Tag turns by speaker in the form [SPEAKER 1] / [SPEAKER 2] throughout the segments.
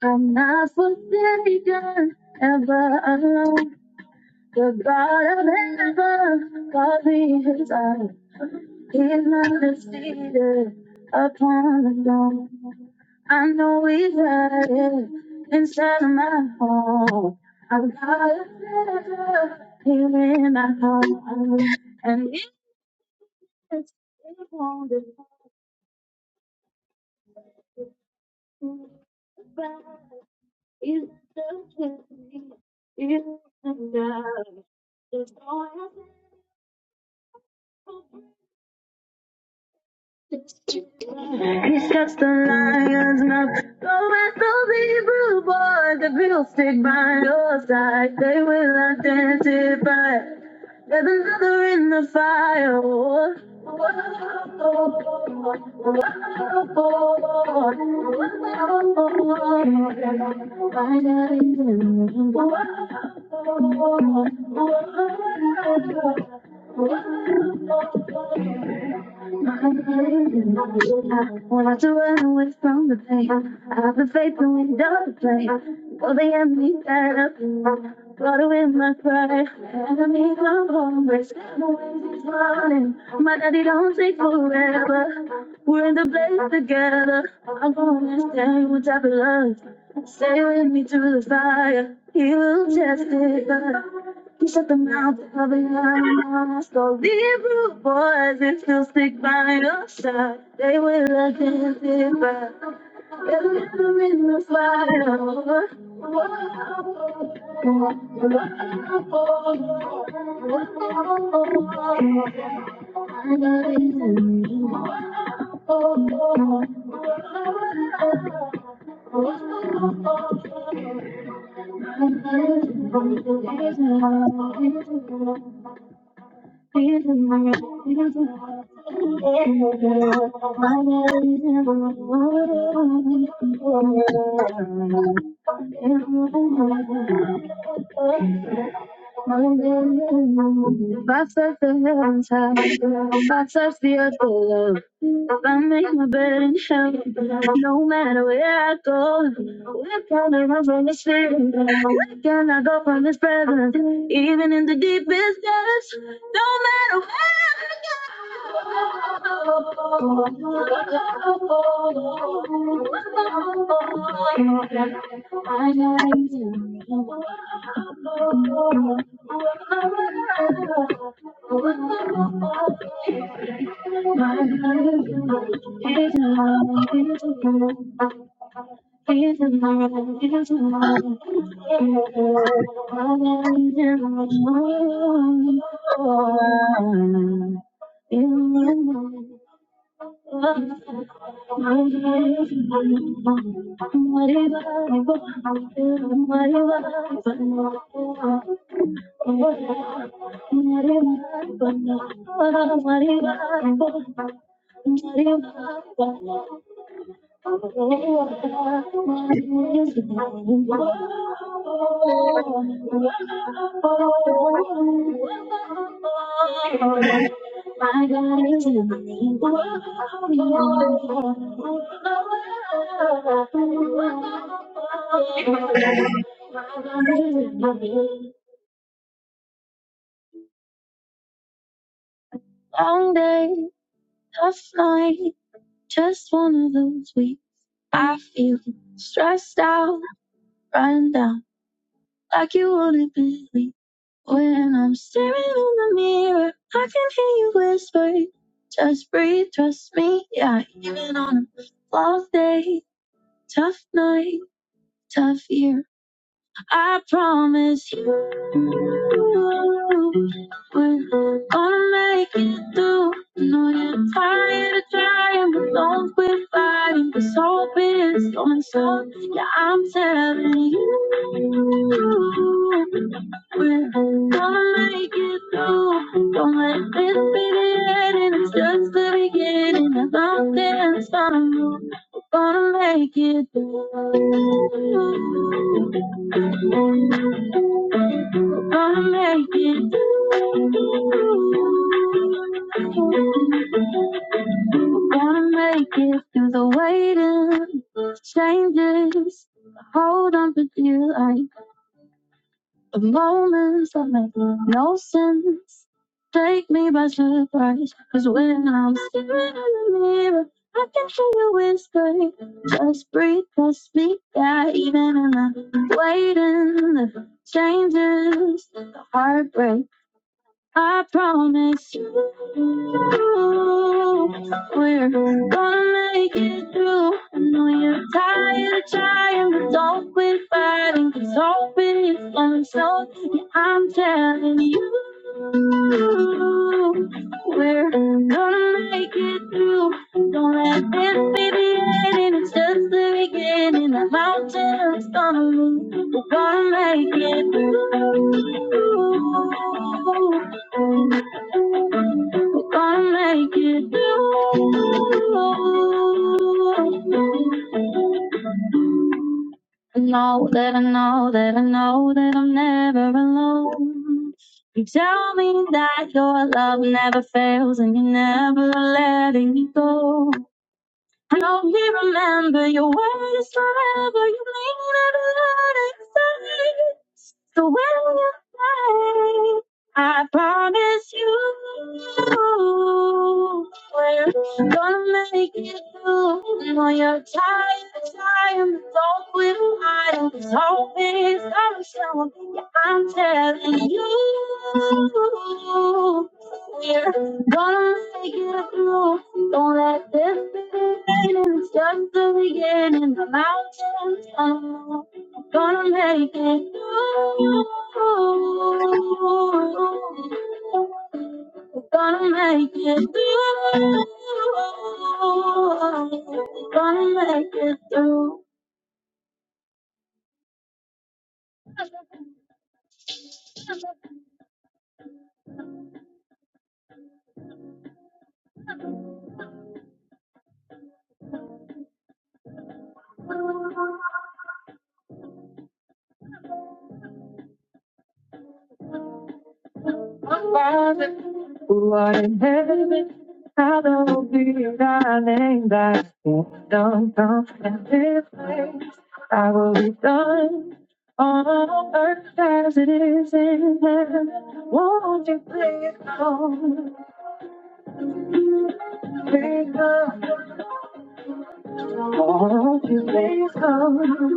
[SPEAKER 1] I'm not forsaken ever alone. The God of heaven called me his own. He's not seated upon the throne. I know he's got it inside of my home. I've got a treasure here in my heart. And it, it won't depart. It doesn't mean it's enough. That's all I He shuts the lions mouth. Go and throw the blue boy, the real stick by your side. They will identify. There's another in the fire. Oh, I have the want to run away from the pain. I have the faith that we don't play. Though the enemy fed up, got away my pride. Enemy come home, we're always running. My daddy don't take forever. We're in the place together. I'm gonna stay with type of love. Stay with me through the fire. He will testify. He shut the mouth of the lions, go leave rude boys and still stick by your side. They will look and differ. They'll never in the fire. I got it in me. Thank you. I search the heavens high, I search the earth below, I make my bed in hell, no matter where I go, where can I run from this fear? Where can I go from this presence? Even in the deepest depths, no matter where I go. Thank you. My life is not He's in my room, he's in my room. He's in my room. Maria, Maria, Maria, Maria, my God is in the Long day, tough night, just one of those weeks. I feel stressed out, run down, like you wouldn't believe. When I'm staring in the mirror, I can hear you whisper, just breathe, trust me. Yeah, even on a flawless day, tough night, tough year, I promise you, we're gonna make it through. I know you're tired of trying, but don't quit fighting, 'cause hope is coming slow. Yeah, I'm telling you. We're gonna make it through, don't let this be the end, and it's just the beginning. There's something that's gonna move, we're gonna make it through. We're gonna make it through. We're gonna make it through the waiting, the changes. Hold on for dear life. The moments that make no sense take me by surprise. Cause when I'm staring in the mirror, I can hear you whispering. Just breathe, just speak, yeah, even in the waiting, the changes, the heartbreak. I promise you, we're gonna make it through. I know you're tired of trying, but don't quit fighting, 'cause Cause hope is gonna show. Yeah, I'm telling you. We're gonna make it through. Don't let this be the ending. It's just the beginning. The mountain is gonna move. We're gonna make it through. We're gonna make it through. I know that I know that I know that I'm never alone. You tell me that your love never fails and you are never letting me go. And I'll remember your word is forever. You mean every word I say. So when you say, I promise you, we're gonna make it through. And when you're tired, tired, the dog will hide. It's hope is gonna show. up. Yeah, I'm telling you. We're Gonna make it through. Don't let this be the beginning. It's just the beginning. The mountains are low. gonna make it through. We're Gonna make it through. We're Gonna make it through. By the who art in heaven, hallowed be thy name, thy kingdom come, and this way. I will be done on earth as it is in heaven. Won't you please come, please come, won't you please come?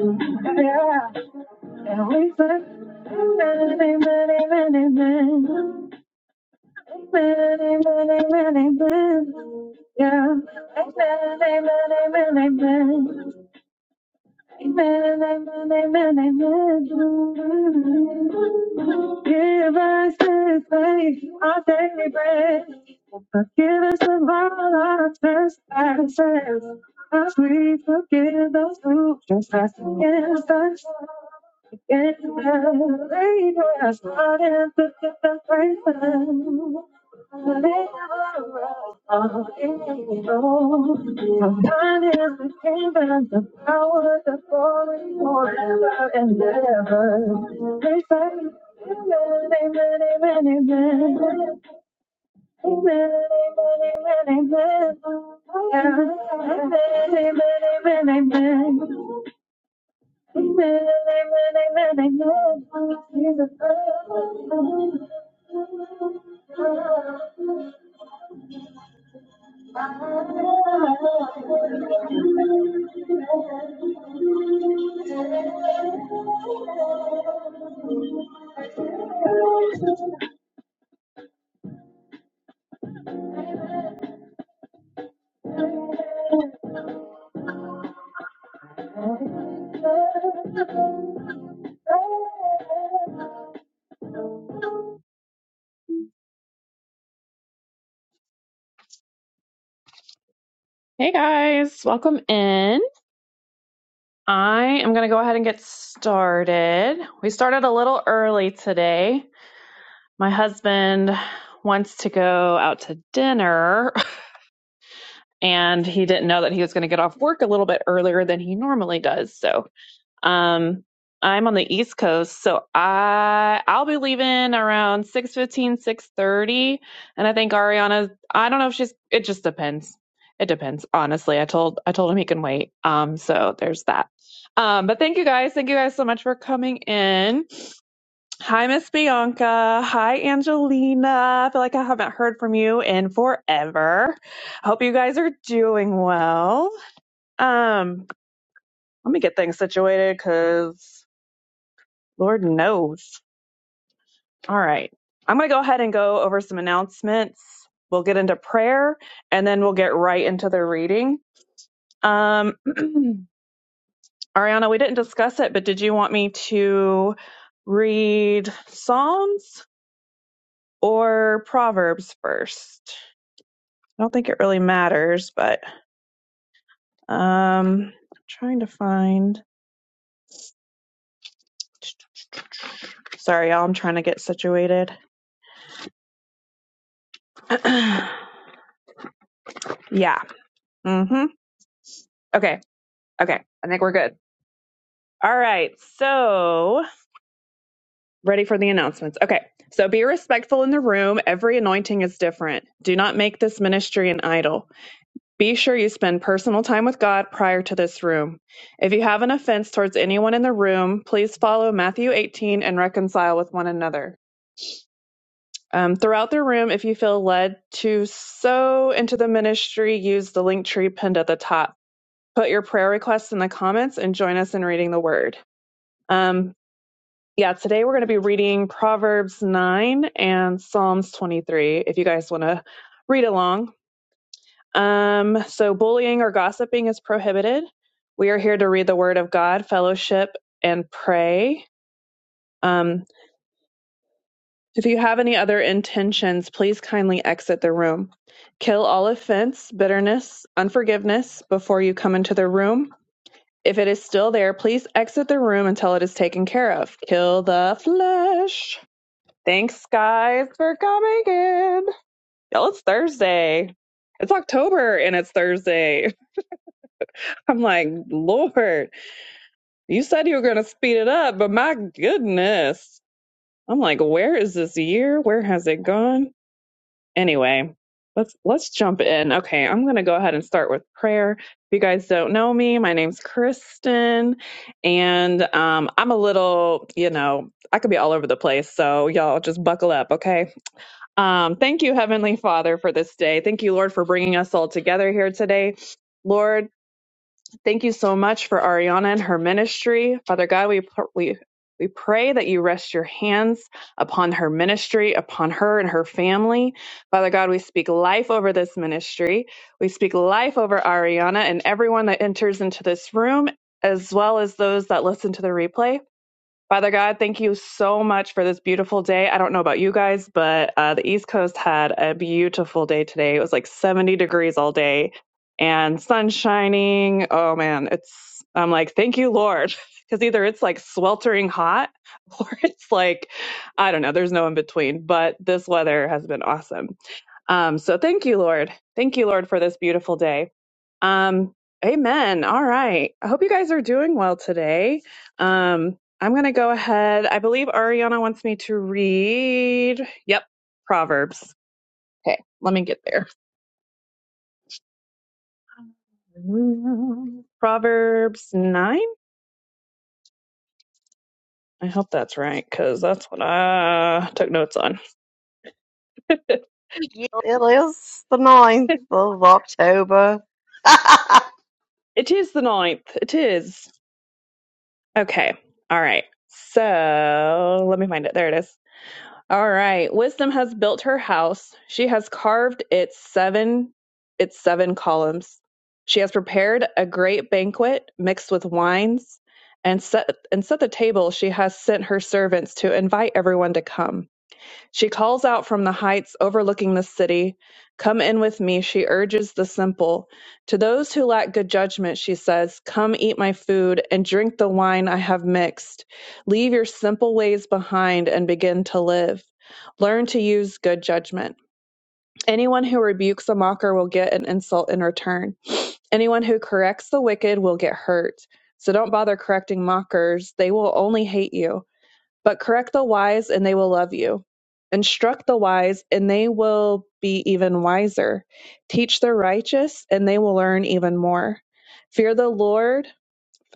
[SPEAKER 1] Yeah, and we say, Amen, amen, amen, amen. Many, many, many, amen. Yeah. ain't Many, many, many, amen, amen. many, many, many, amen. Give us this day our daily bread. Forgive us of all our trespasses, as we forgive those who trespass against us. Against us, lead us not into temptation, Sometimes we can't balance the and power that's falling forever and ever. They say, Amen. amen, amen, amen. Amen, amen, amen, amen. Amen, amen, amen, amen. Amen, amen, amen, amen. Jesus. Hey guys, welcome in. I am going to go ahead and get started. We started a little early today. My husband wants to go out to dinner and he didn't know that he was going to get off work a little bit earlier than he normally does. So Um, I'm on the East Coast, so I I'll be leaving around six fifteen, six thirty, and I think Ariana I don't know if she's it just depends. It depends, honestly. I told I told him he can wait. Um so there's that. Um but thank you guys. Thank you guys so much for coming in. Hi Miss Bianca. Hi Angelina. I feel like I haven't heard from you in forever. I hope you guys are doing well. Um let me get things situated cuz Lord knows. All right. I'm going to go ahead and go over some announcements. We'll get into prayer and then we'll get right into the reading. Um, Ariana, we didn't discuss it, but did you want me to read Psalms or Proverbs first? I don't think it really matters, but um, I'm trying to find. Sorry, y'all. I'm trying to get situated. yeah. Mm-hmm. Okay. Okay. I think we're good. All right. So Ready for the announcements. Okay. So be respectful in the room. Every anointing is different. Do not make this ministry an idol. Be sure you spend personal time with God prior to this room. If you have an offense towards anyone in the room, please follow Matthew 18 and reconcile with one another. Um, throughout the room, if you feel led to sow into the ministry, use the link tree pinned at the top. Put your prayer requests in the comments and join us in reading the word. Um, Yeah, today we're going to be reading Proverbs 9 and Psalms 23 if you guys want to read along. Um, so, bullying or gossiping is prohibited. We are here to read the Word of God, fellowship, and pray. Um, if you have any other intentions, please kindly exit the room. Kill all offense, bitterness, unforgiveness before you come into the room. If it is still there, please exit the room until it is taken care of. Kill the flesh. Thanks, guys, for coming in. Y'all, it's Thursday. It's October and it's Thursday. I'm like, Lord, you said you were going to speed it up, but my goodness. I'm like, where is this year? Where has it gone? Anyway, let's let's jump in. Okay, I'm going to go ahead and start with prayer. If you guys don't know me, my name's Kristen, and um, I'm a little, you know, I could be all over the place. So y'all just buckle up, okay? Um, thank you, Heavenly Father, for this day. Thank you, Lord, for bringing us all together here today. Lord, thank you so much for Ariana and her ministry. Father God, we pr- we we pray that you rest your hands upon her ministry, upon her and her family. Father God, we speak life over this ministry. We speak life over Ariana and everyone that enters into this room, as well as those that listen to the replay. Father God, thank you so much for this beautiful day. I don't know about you guys, but uh, the East Coast had a beautiful day today. It was like 70 degrees all day and sun shining. Oh man, it's, I'm like, thank you, Lord. Because either it's like sweltering hot or it's like, I don't know, there's no in between, but this weather has been awesome. Um, so thank you, Lord. Thank you, Lord, for this beautiful day. Um, amen. All right. I hope you guys are doing well today. Um, I'm going to go ahead. I believe Ariana wants me to read. Yep, Proverbs. Okay, let me get there. Proverbs 9. I hope that's right because that's what I took notes on.
[SPEAKER 2] Yes, it is the ninth of October.
[SPEAKER 1] it is the ninth. It is. Okay. All right. So let me find it. There it is. All right. Wisdom has built her house. She has carved its seven its seven columns. She has prepared a great banquet mixed with wines and set and set the table. She has sent her servants to invite everyone to come. She calls out from the heights overlooking the city, Come in with me, she urges the simple. To those who lack good judgment, she says, Come eat my food and drink the wine I have mixed. Leave your simple ways behind and begin to live. Learn to use good judgment. Anyone who rebukes a mocker will get an insult in return. Anyone who corrects the wicked will get hurt. So don't bother correcting mockers, they will only hate you. But correct the wise, and they will love you. Instruct the wise, and they will be even wiser. Teach the righteous, and they will learn even more. Fear the Lord,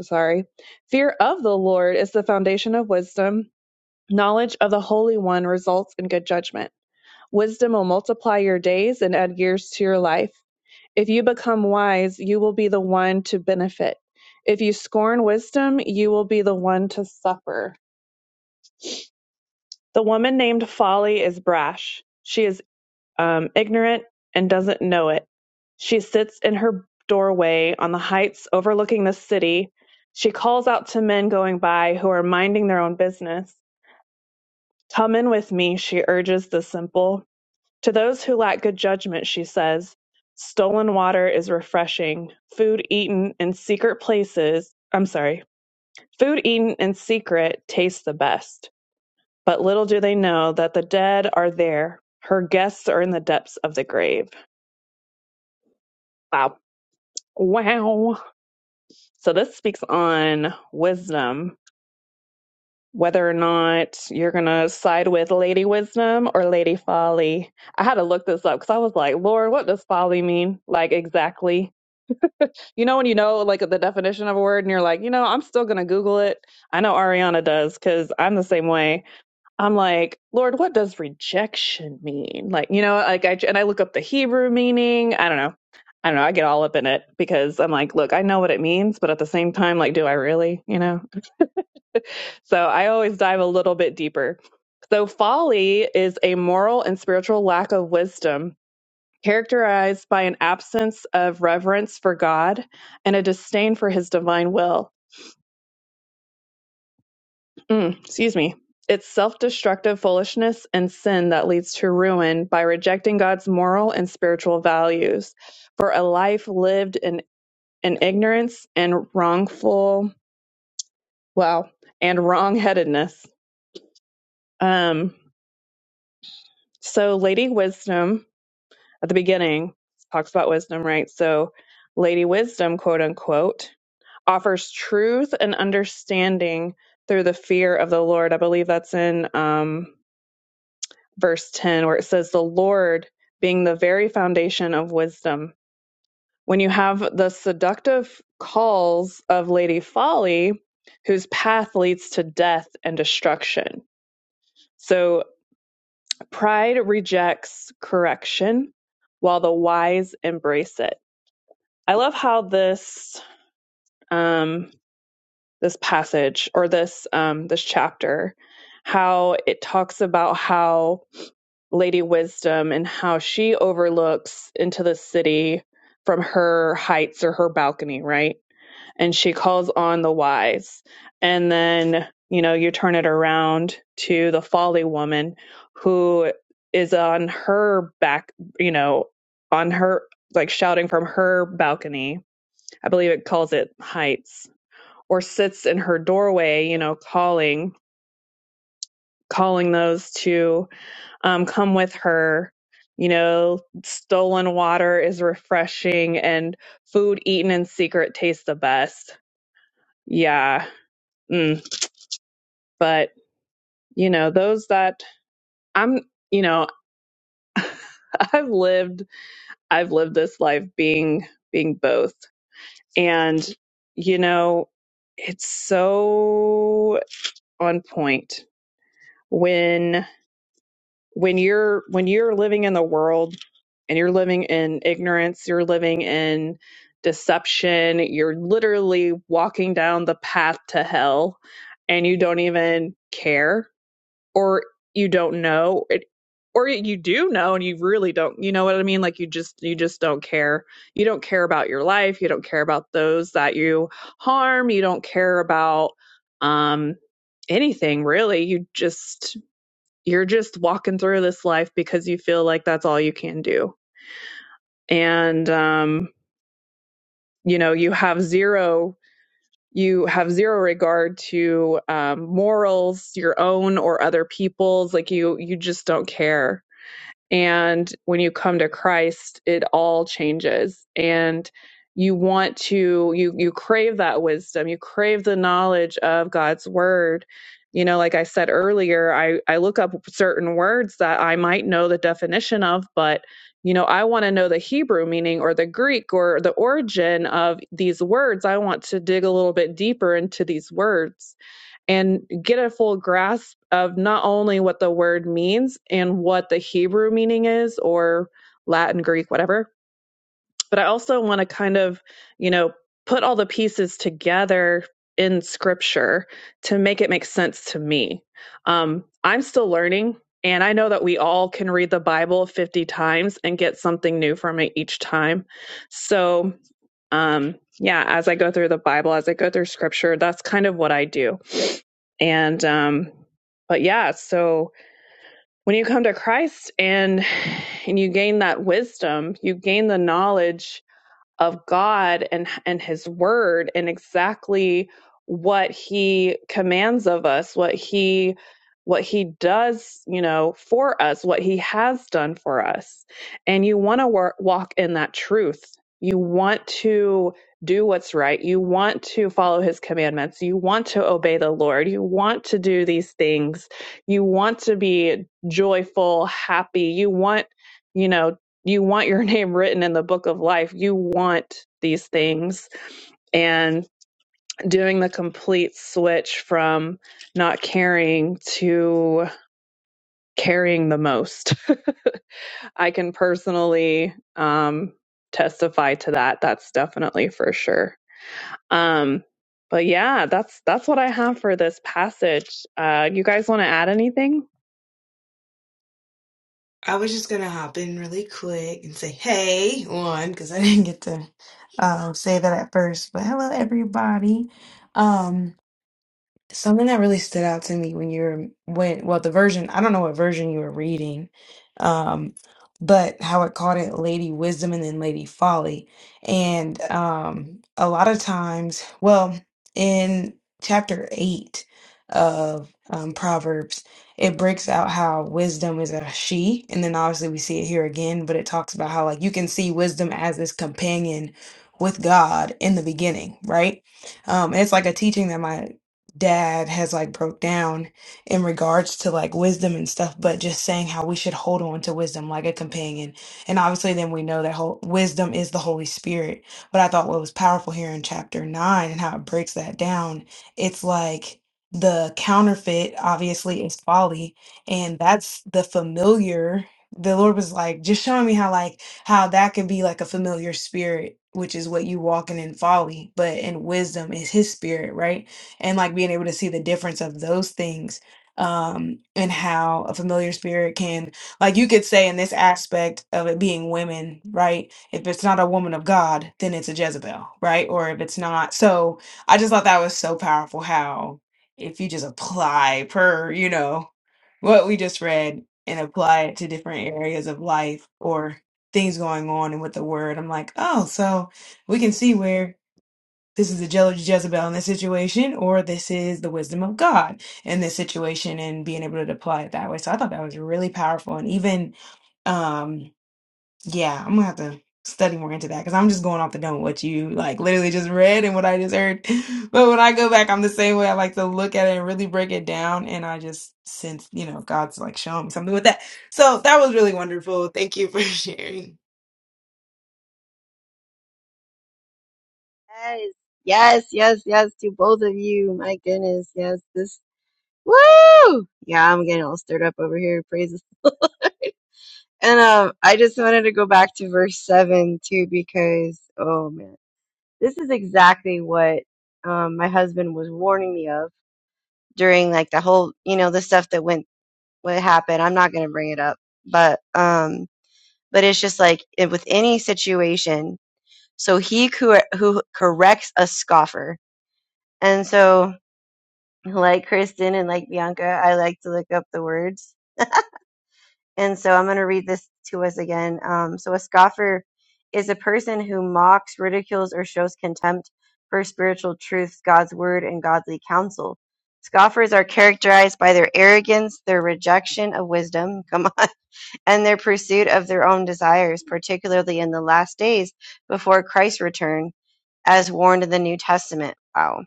[SPEAKER 1] sorry, fear of the Lord is the foundation of wisdom. Knowledge of the Holy One results in good judgment. Wisdom will multiply your days and add years to your life. If you become wise, you will be the one to benefit. If you scorn wisdom, you will be the one to suffer. The woman named Folly is brash. She is um, ignorant and doesn't know it. She sits in her doorway on the heights overlooking the city. She calls out to men going by who are minding their own business. Come in with me, she urges the simple. To those who lack good judgment, she says, stolen water is refreshing. Food eaten in secret places, I'm sorry, food eaten in secret tastes the best. But little do they know that the dead are there. Her guests are in the depths of the grave. Wow. Wow. So this speaks on wisdom, whether or not you're going to side with Lady Wisdom or Lady Folly. I had to look this up because I was like, Lord, what does folly mean? Like, exactly. You know, when you know, like, the definition of a word and you're like, you know, I'm still going to Google it. I know Ariana does because I'm the same way I'm like, Lord, what does rejection mean? Like, you know, like I and I look up the Hebrew meaning. I don't know. I don't know. I get all up in it because I'm like, look, I know what it means, but at the same time, like, do I really? You know? So I always dive a little bit deeper. So folly is a moral and spiritual lack of wisdom characterized by an absence of reverence for God and a disdain for his divine will. Mm, excuse me. It's self destructive foolishness and sin that leads to ruin by rejecting God's moral and spiritual values. For a life lived in, in ignorance and wrongful, well, and wrongheadedness. Um, so, Lady Wisdom at the beginning talks about wisdom, right? So, Lady Wisdom, quote unquote, offers truth and understanding through the fear of the Lord. I believe that's in um, verse 10, where it says, The Lord being the very foundation of wisdom. When you have the seductive calls of Lady Folly, whose path leads to death and destruction. So pride rejects correction, while the wise embrace it. I love how this um, this passage or this um, this chapter, how it talks about how Lady Wisdom and how she overlooks into the city from her heights or her balcony, right? And she calls on the wise. And then, you know, you turn it around to the folly woman who is on her back, you know, on her, like shouting from her balcony. I believe it calls it heights or sits in her doorway, you know, calling, calling those to um, come with her. You know, stolen water is refreshing and food eaten in secret tastes the best. Yeah. Mm. But, you know, those that I'm, you know, I've lived, I've lived this life being, being both. And, you know, it's so on point when when you're when you're living in the world and you're living in ignorance you're living in deception you're literally walking down the path to hell and you don't even care or you don't know it or you do know and you really don't you know what i mean like you just you just don't care you don't care about your life you don't care about those that you harm you don't care about um anything really you just you're just walking through this life because you feel like that's all you can do and um you know you have zero you have zero regard to um morals your own or other people's like you you just don't care and when you come to Christ, it all changes. And you want to, you, you crave that wisdom. You crave the knowledge of God's word. You know, like I said earlier, I, I look up certain words that I might know the definition of, but, you know, I want to know the Hebrew meaning or the Greek or the origin of these words. I want to dig a little bit deeper into these words and get a full grasp of not only what the word means and what the Hebrew meaning is or Latin, Greek, whatever, but I also want to kind of, you know, put all the pieces together in scripture to make it make sense to me. Um, I'm still learning. And I know that we all can read the Bible 50 times and get something new from it each time. So, um, yeah, as I go through the Bible, as I go through scripture, that's kind of what I do and um but yeah so when you come to christ and and you gain that wisdom you gain the knowledge of God and and his word and exactly what he commands of us, what he what he does, you know, for us, what he has done for us. And you want to wor- walk in that truth. You want to do what's right. You want to follow his commandments. You want to obey the Lord. You want to do these things. You want to be joyful, happy. You want, you know, you want your name written in the book of life. You want these things. And doing the complete switch from not caring to caring the most. I can personally um, testify to that. That's definitely for sure. Um, but yeah, that's that's what I have for this passage. Uh, you guys want to add anything?
[SPEAKER 3] I was just gonna hop in really quick and say, "Hey, one," because I didn't get to um, say that at first. But hello, everybody. Um, Something that really stood out to me when you were when well the version I don't know what version you were reading, um, but how it called it Lady Wisdom and then Lady Folly, and um, a lot of times, well, in chapter eight of um, Proverbs, it breaks out how wisdom is a she, and then obviously we see it here again, but it talks about how like you can see wisdom as this companion with God in the beginning, right? Um, and it's like a teaching that my dad has like broke down in regards to like wisdom and stuff but just saying how we should hold on to wisdom like a companion and obviously then we know that whole wisdom is the holy spirit but i thought what was powerful here in chapter 9 and how it breaks that down it's like the counterfeit obviously is folly and that's the familiar the lord was like just showing me how like how that can be like a familiar spirit which is what you walking in folly but in wisdom is his spirit right and like being able to see the difference of those things um and how a familiar spirit can like you could say in this aspect of it being women right if it's not a woman of god then it's a jezebel right or if it's not so i just thought that was so powerful how if you just apply per you know what we just read and apply it to different areas of life or things going on and with the word i'm like oh so we can see where this is the jealousy Jezebel in this situation, or this is the wisdom of God in this situation, and being able to apply it that way. So I thought that was really powerful, and even um, yeah, I'm gonna have to study more into that because I'm just going off the dome what you like literally just read and what I just heard. But when I go back, I'm the same way. I like to look at it and really break it down, and I just sense you know God's like showing me something with that. So that was really wonderful. Thank you for sharing.
[SPEAKER 2] yes, yes, yes, yes, to both of you. My goodness, yes, this, woo! Yeah, I'm getting all stirred up over here. Praises. And um, I just wanted to go back to verse 7 too, because, oh man, this is exactly what um, my husband was warning me of during like the whole, you know, the stuff that went, what happened. I'm not going to bring it up, but, um, but it's just like it- with any situation So he who who corrects a scoffer. And so, like Kristen and like Bianca, I like to look up the words. And so I'm going to read this to us again. Um, so a scoffer is a person who mocks, ridicules, or shows contempt for spiritual truths, God's word, and godly counsel. Scoffers are characterized by their arrogance, their rejection of wisdom, come on, and their pursuit of their own desires, particularly in the last days before Christ's return as warned in the New Testament. Wow.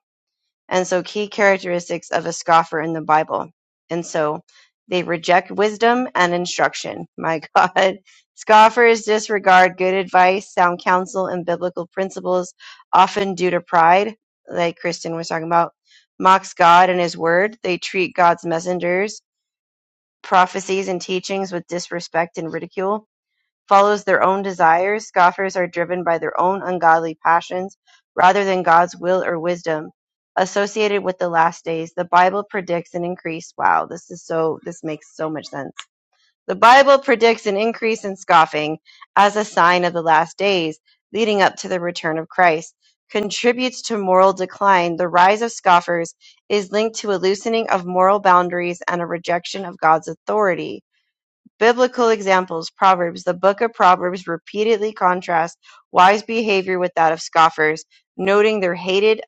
[SPEAKER 2] And so, key characteristics of a scoffer in the Bible. And so, they reject wisdom and instruction. My God. Scoffers disregard good advice, sound counsel, and biblical principles, often due to pride, like Kristen was talking about, mocks God and his word. They treat God's messengers, prophecies, and teachings with disrespect and ridicule follows their own desires, scoffers are driven by their own ungodly passions rather than God's will or wisdom. Associated with the last days, the Bible predicts an increase. Wow, this is so, this makes so much sense. The Bible predicts an increase in scoffing as a sign of the last days leading up to the return of Christ. Contributes to moral decline. The rise of scoffers is linked to a loosening of moral boundaries and a rejection of God's authority Biblical examples Proverbs The book of Proverbs repeatedly contrasts wise behavior with that of scoffers, noting their hated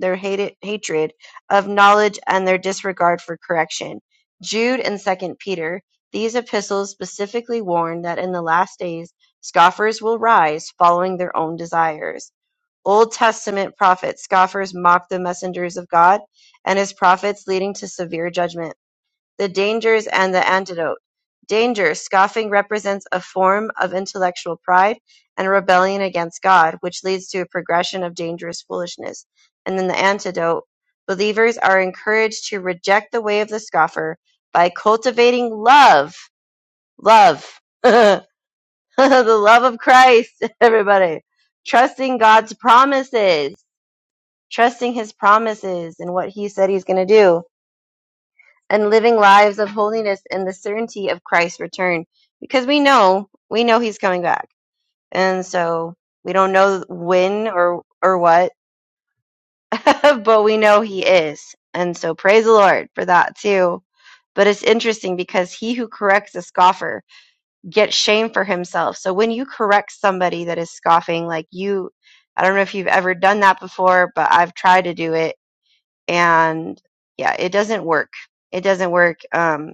[SPEAKER 2] their hated hatred of knowledge and their disregard for correction. Jude and Second Peter. These epistles specifically warn that in the last days scoffers will rise following their own desires. Old Testament prophets, scoffers mocked the messengers of God and his prophets, leading to severe judgment. The dangers and the antidote. Danger, scoffing represents a form of intellectual pride and rebellion against God, which leads to a progression of dangerous foolishness. And then the antidote. Believers are encouraged to reject the way of the scoffer by cultivating love. Love. the love of Christ, everybody. Trusting God's promises. Trusting his promises and what he said he's going to do and living lives of holiness in the certainty of Christ's return because we know we know he's coming back. And so we don't know when or or what, but we know he is. And so praise the Lord for that too. But it's interesting because he who corrects a scoffer gets shame for himself. So when you correct somebody that is scoffing like you I don't know if you've ever done that before, but I've tried to do it and yeah, it doesn't work. It doesn't work. Um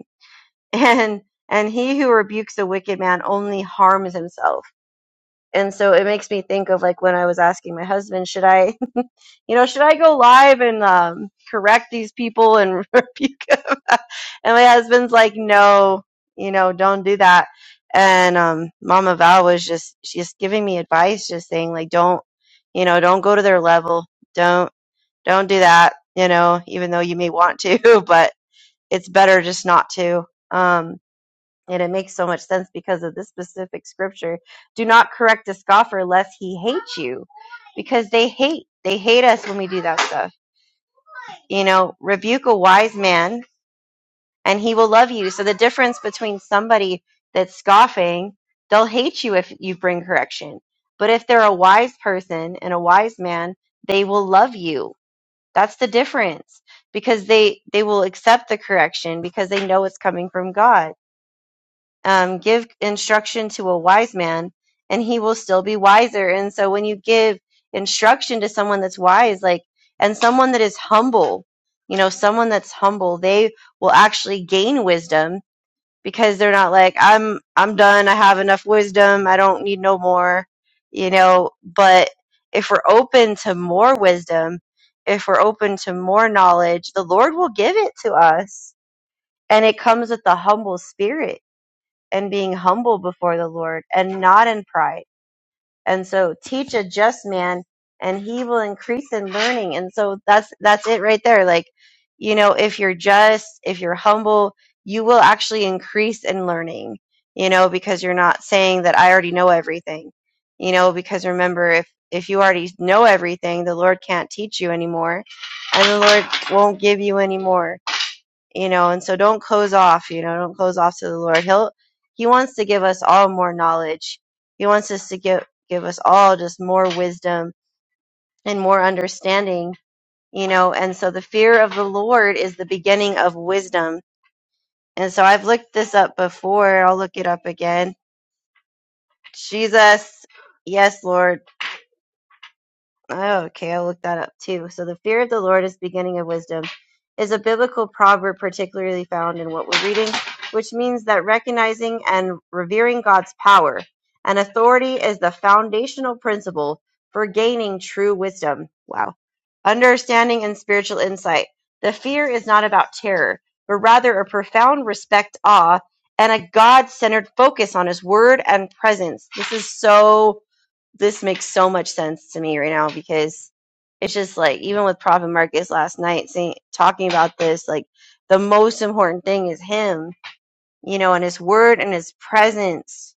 [SPEAKER 2] and and he who rebukes a wicked man only harms himself and so it makes me think of like when i was asking my husband should i you know should i go live and um, correct these people and rebuke them and my husband's like no you know don't do that and um mama val was just she just giving me advice just saying like don't you know don't go to their level don't don't do that you know even though you may want to but it's better just not to Um, and it makes so much sense because of this specific scripture. Do not correct a scoffer lest he hate you, because they hate. They hate us when we do that stuff. You know, rebuke a wise man and he will love you. So the difference between somebody that's scoffing, they'll hate you if you bring correction. But if they're a wise person and a wise man, they will love you. That's the difference because they they will accept the correction because they know it's coming from God um, give instruction to a wise man and he will still be wiser and so when you give instruction to someone that's wise like and someone that is humble you know someone that's humble they will actually gain wisdom because they're not like i'm i'm done i have enough wisdom i don't need no more you know but if we're open to more wisdom if we're open to more knowledge the lord will give it to us and it comes with the humble spirit and being humble before the Lord and not in pride. And so teach a just man and he will increase in learning. And so that's that's it right there. Like, you know, if you're just, if you're humble, you will actually increase in learning, you know, because you're not saying that I already know everything. You know, because remember if if you already know everything, the Lord can't teach you anymore and the Lord won't give you any more you know and so don't close off you know don't close off to the lord he'll he wants to give us all more knowledge he wants us to give give us all just more wisdom and more understanding you know and so the fear of the lord is the beginning of wisdom and so i've looked this up before i'll look it up again jesus yes lord Oh, okay, I'll look that up too. So the fear of the Lord is the beginning of wisdom is a biblical proverb particularly found in what we're reading, which means that recognizing and revering God's power and authority is the foundational principle for gaining true wisdom. Wow. Understanding and spiritual insight. The fear is not about terror, but rather a profound respect, awe, and a God centered focus on his word and presence. This is so this makes so much sense to me right now because it's just like even with Prophet Marcus last night saying talking about this, like the most important thing is him, you know, and his word and his presence.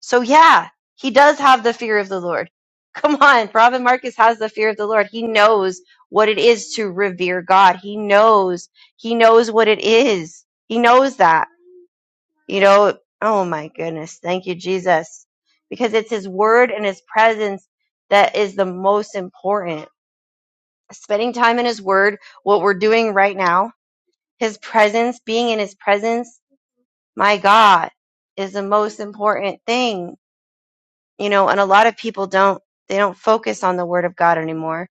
[SPEAKER 2] So yeah, he does have the fear of the Lord. Come on, Prophet Marcus has the fear of the Lord. He knows what it is to revere God. He knows, he knows what it is. He knows that. You know, oh my goodness. Thank you, Jesus. Because it's His Word and His presence that is the most important. Spending time in His Word, what we're doing right now, His presence, being in His presence, my God, is the most important thing. You know, and a lot of people don't, they don't focus on the Word of God anymore.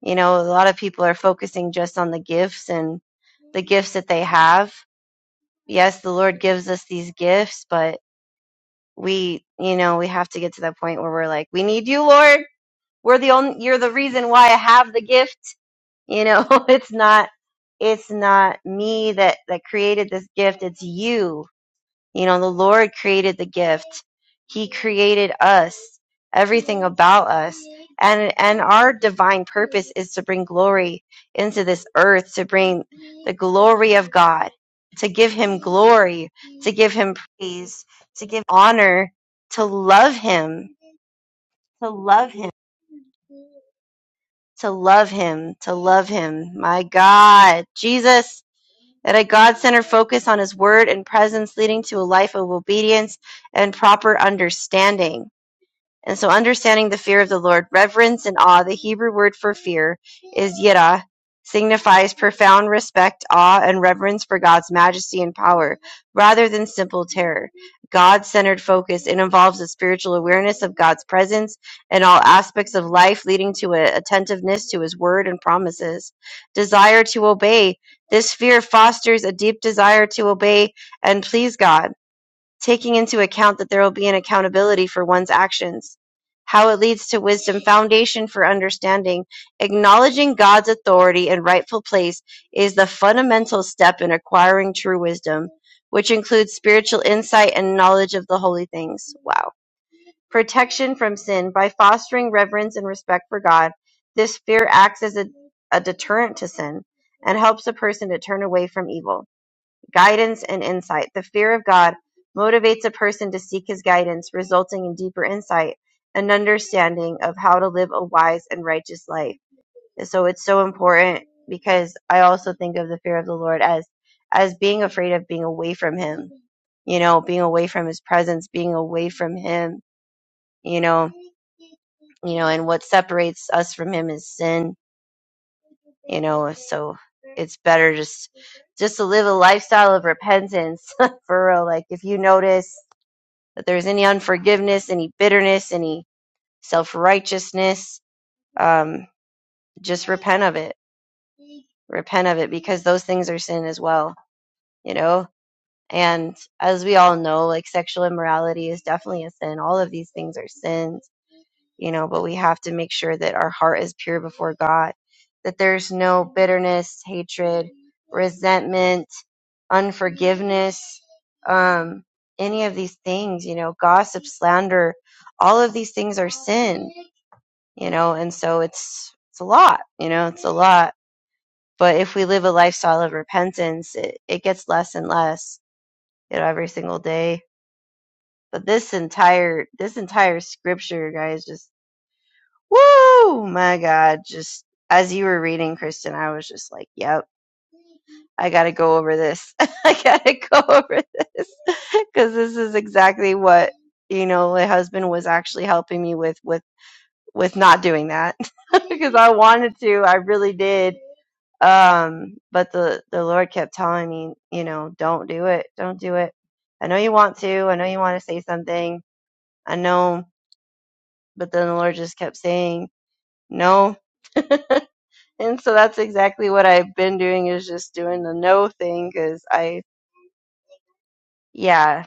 [SPEAKER 2] You know, a lot of people are focusing just on the gifts and the gifts that they have. Yes, the Lord gives us these gifts, but we you know we have to get to that point where we're like we need you lord we're the only you're the reason why i have the gift you know it's not it's not me that that created this gift it's you you know, the Lord created the gift. He created us, everything about us. And and our divine purpose is to bring glory into this earth, to bring the glory of God, to give him glory, to give him praise, to give honor, to love him, to love him, to love him, to love him. My God, Jesus that a God-centered focus on His Word and presence leading to a life of obedience and proper understanding. And so, understanding the fear of the Lord, reverence and awe, the Hebrew word for fear is yirah, signifies profound respect, awe, and reverence for God's majesty and power, rather than simple terror. God centered focus, it involves a spiritual awareness of God's presence in all aspects of life, leading to a attentiveness to His word and promises. Desire to obey. This fear fosters a deep desire to obey and please God taking into account that there will be an accountability for one's actions. How it leads to wisdom, foundation for understanding. Acknowledging God's authority and rightful place is the fundamental step in acquiring true wisdom, which includes spiritual insight and knowledge of the holy things. Wow. Protection from sin. By fostering reverence and respect for God, this fear acts as a, a deterrent to sin and helps a person to turn away from evil guidance and insight. The fear of God motivates a person to seek his guidance, resulting in deeper insight and understanding of how to live a wise and righteous life. So it's so important because I also think of the fear of the Lord as as being afraid of being away from him. You know, being away from his presence, being away from him, you know, you know, and what separates us from him is sin you know so it's better just just to live a lifestyle of repentance for real like if you notice that there's any unforgiveness any bitterness any self-righteousness um just repent of it repent of it because those things are sin as well you know and as we all know like sexual immorality is definitely a sin all of these things are sins you know, but we have to make sure that our heart is pure before God, that there's no bitterness, hatred, resentment, unforgiveness, um, any of these things, you know, gossip, slander, all of these things are sin, you know, and so it's it's a lot, you know, it's a lot. But if we live a lifestyle of repentance, it, it gets less and less, you know, every single day. But this entire this entire scripture, guys, just Woo! My God. Just as you were reading, Kristen, I was just like, yep, I got to go over this. I got to go over this because this is exactly what, you know, my husband was actually helping me with, with, with not doing that because I wanted to. I really did. Um, but the, the Lord kept telling me, you know, don't do it. Don't do it. I know you want to. I know you want to say something. I know. But then the Lord just kept saying, no, And so that's exactly what I've been doing is just doing the no thing because I, yeah,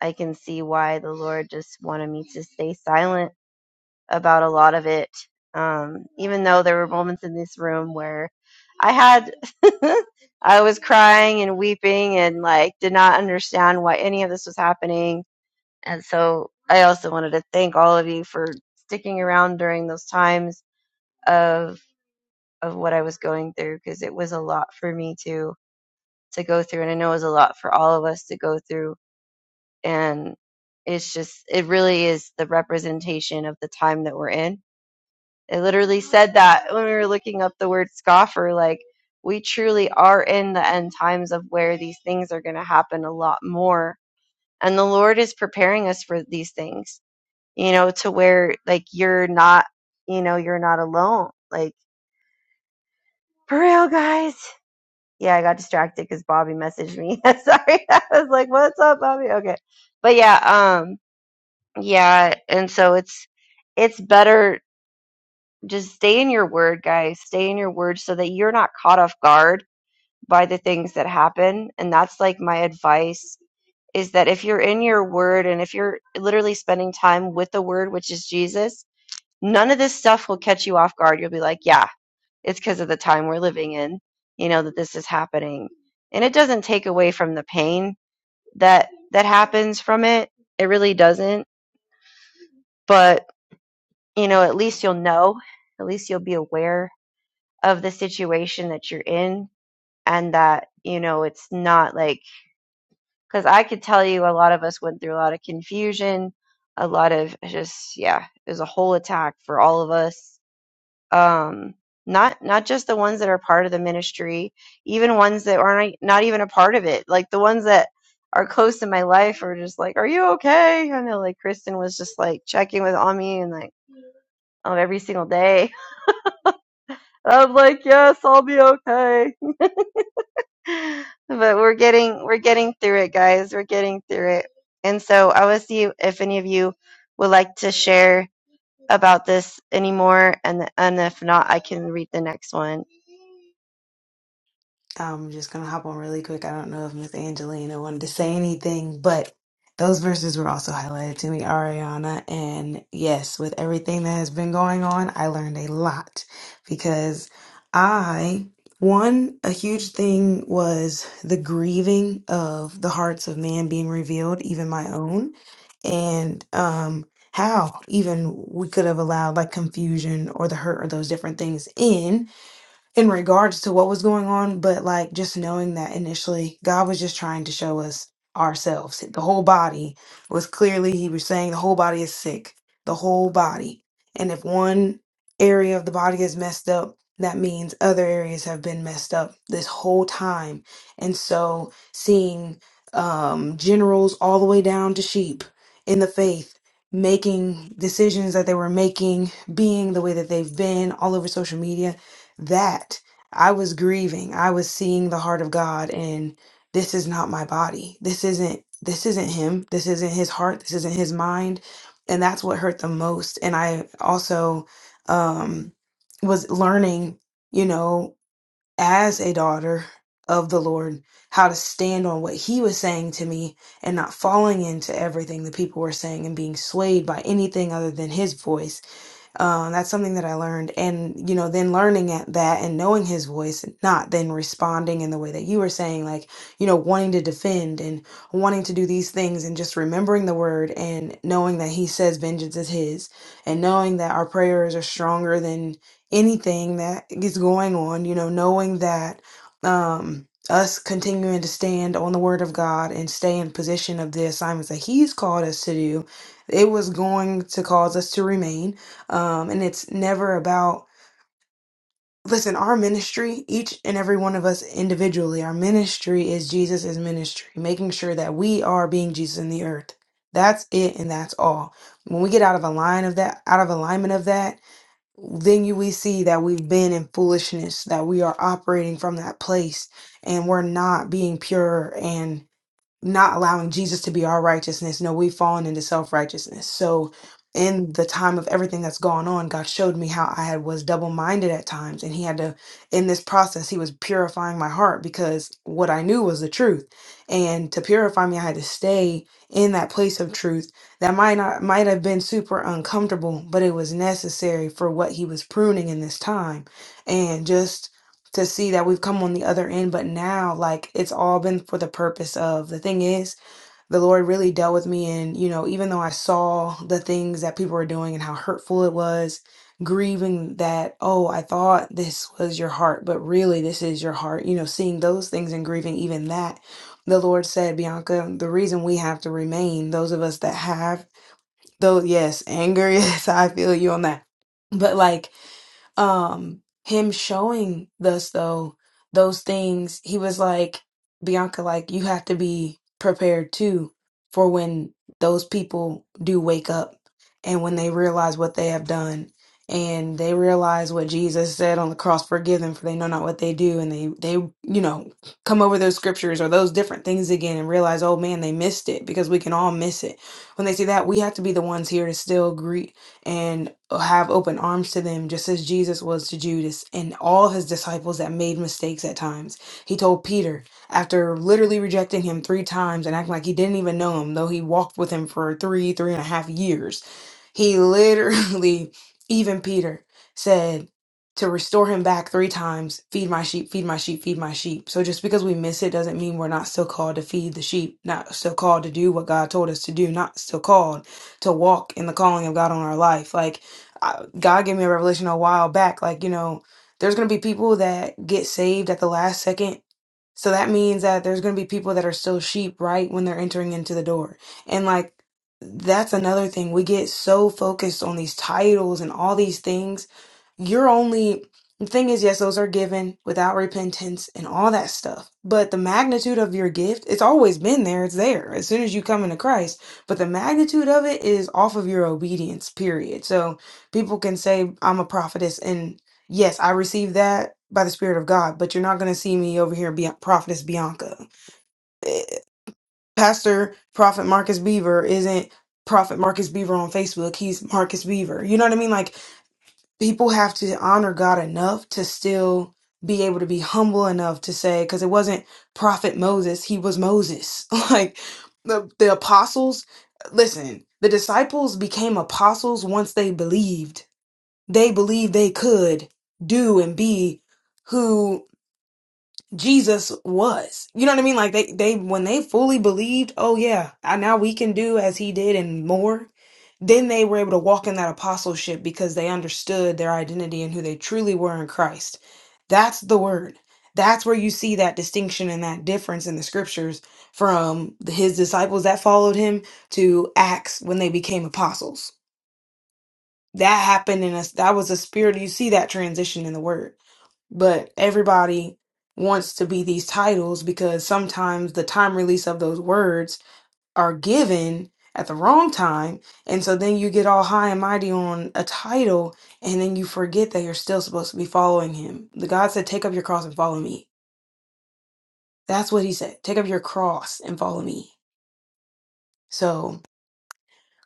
[SPEAKER 2] I can see why the Lord just wanted me to stay silent about a lot of it. Um, even though there were moments in this room where I had, I was crying and weeping and like did not understand why any of this was happening. And so I also wanted to thank all of you for sticking around during those times of of what I was going through because it was a lot for me too to go through. And I know it was a lot for all of us to go through. And it's just, it really is the representation of the time that we're in. It literally said that when we were looking up the word scoffer, like, we truly are in the end times of where these things are going to happen a lot more. And the Lord is preparing us for these things, you know, to where like you're not, you know, you're not alone. Like, for real, guys. yeah, I got distracted because Bobby messaged me. Sorry, I was like, "What's up, Bobby?" Okay, but yeah, um, yeah, and so it's it's better just stay in your word, guys. Stay in your word so that you're not caught off guard by the things that happen. And that's like my advice is that if you're in your word and if you're literally spending time with the word, which is Jesus, none of this stuff will catch you off guard. You'll be like, "Yeah." It's because of the time we're living in, you know, that this is happening. And it doesn't take away from the pain that that happens from it. It really doesn't. But, you know, at least you'll know, at least you'll be aware of the situation that you're in and that, you know, it's not like cuz I could tell you a lot of us went through a lot of confusion, a lot of just yeah, it was a whole attack for all of us um, not not just the ones that are part of the ministry, even ones that aren't like, not even a part of it. Like the ones that are close in my life are just like, "Are you okay?" I know, like Kristen was just like checking with on me and like on every single day. I'm like, "Yes, I'll be okay." but we're getting we're getting through it, guys. We're getting through it. And so I will see if any of you would like to share about this anymore, and and if not, I can read the next one.
[SPEAKER 3] I'm just gonna hop on really quick. I don't know if Miss Angelina wanted to say anything, but those verses were also highlighted to me, Ariana. And yes, with everything that has been going on, I learned a lot because I, one, a huge thing was the grieving of the hearts of man being revealed, even my own, and um, how even we could have allowed like confusion or the hurt or those different things in in regards to what was going on, but like just knowing that initially God was just trying to show us ourselves. The whole body was clearly, He was saying the whole body is sick, the whole body. And if one area of the body is messed up, that means other areas have been messed up this whole time. And so seeing um, generals all the way down to sheep in the faith making decisions that they were making, being the way that they've been all over social media that I was grieving. I was seeing the heart of God and this is not my body. This isn't this isn't him. This isn't his heart. This isn't his mind. And that's what hurt the most. And I also um was learning, you know, as a daughter of the Lord, how to stand on what he was saying to me and not falling into everything that people were saying and being swayed by anything other than his voice um, that's something that I learned. And, you know, then learning at that and knowing his voice, not then responding in the way that you were saying, like, you know, wanting to defend and wanting to do these things and just remembering the word and knowing that he says vengeance is his and knowing that our prayers are stronger than anything that is going on, you know, knowing that, um, us continuing to stand on the word of God and stay in position of the assignments that He's called us to do, it was going to cause us to remain. Um, and it's never about, listen, our ministry, each and every one of us individually, our ministry is Jesus' ministry, making sure that we are being Jesus in the earth. That's it and that's all. When we get out of a line of that, out of alignment of that, then you we see that we've been in foolishness, that we are operating from that place and we're not being pure and not allowing Jesus to be our righteousness. No, we've fallen into self righteousness. So, in the time of everything that's gone on, God showed me how I had was double minded at times, and He had to, in this process, He was purifying my heart because what I knew was the truth, and to purify me, I had to stay in that place of truth. That might not might have been super uncomfortable, but it was necessary for what He was pruning in this time, and just to see that we've come on the other end but now like it's all been for the purpose of the thing is the lord really dealt with me and you know even though i saw the things that people were doing and how hurtful it was grieving that oh i thought this was your heart but really this is your heart you know seeing those things and grieving even that the lord said bianca the reason we have to remain those of us that have though yes anger yes i feel you on that but like um him showing us though those things he was like bianca like you have to be prepared too for when those people do wake up and when they realize what they have done and they realize what jesus said on the cross forgive them for they know not what they do and they they you know come over those scriptures or those different things again and realize oh man they missed it because we can all miss it when they see that we have to be the ones here to still and have open arms to them, just as Jesus was to Judas and all his disciples that made mistakes at times. He told Peter, after literally rejecting him three times and acting like he didn't even know him, though he walked with him for three, three and a half years, he literally, even Peter, said, to restore him back three times feed my sheep feed my sheep feed my sheep so just because we miss it doesn't mean we're not still called to feed the sheep not still called to do what god told us to do not still called to walk in the calling of God on our life. Like I, God gave me a revelation a while back. Like you know, there's gonna be people that get saved at the last second so that means that there's going to be people that are still sheep right when they're entering into the door. And like, that's another thing. We get so focused on these titles and all these things. You're only, the thing is, yes, those are given without repentance and all that stuff. But the magnitude of your gift, it's always been there. It's there as soon as you come into Christ. But the magnitude of it is off of your obedience, period. So people can say, I'm a prophetess and. Yes, I received that by the Spirit of God, but you're not going to see me over here, be- Prophetess Bianca. Eh, Pastor Prophet Marcus Beaver isn't Prophet Marcus Beaver on Facebook. He's Marcus Beaver. You know what I mean? Like, people have to honor God enough to still be able to be humble enough to say, because it wasn't Prophet Moses, he was Moses. like, the, the apostles, listen, the disciples became apostles once they believed they believed they could do and be who Jesus was. You know what I mean? Like they, they, when they fully believed, oh yeah, I, now we can do as he did and more, then they were able to walk in that apostleship because they understood their identity and who they truly were in Christ. That's the word. That's where you see that distinction and that difference in the scriptures from his disciples that followed him to Acts when they became apostles that happened in us that was a spirit you see that transition in the word but everybody wants to be these titles because sometimes the time release of those words are given at the wrong time and so then you get all high and mighty on a title and then you forget that you're still supposed to be following him the god said take up your cross and follow me that's what he said take up your cross and follow me so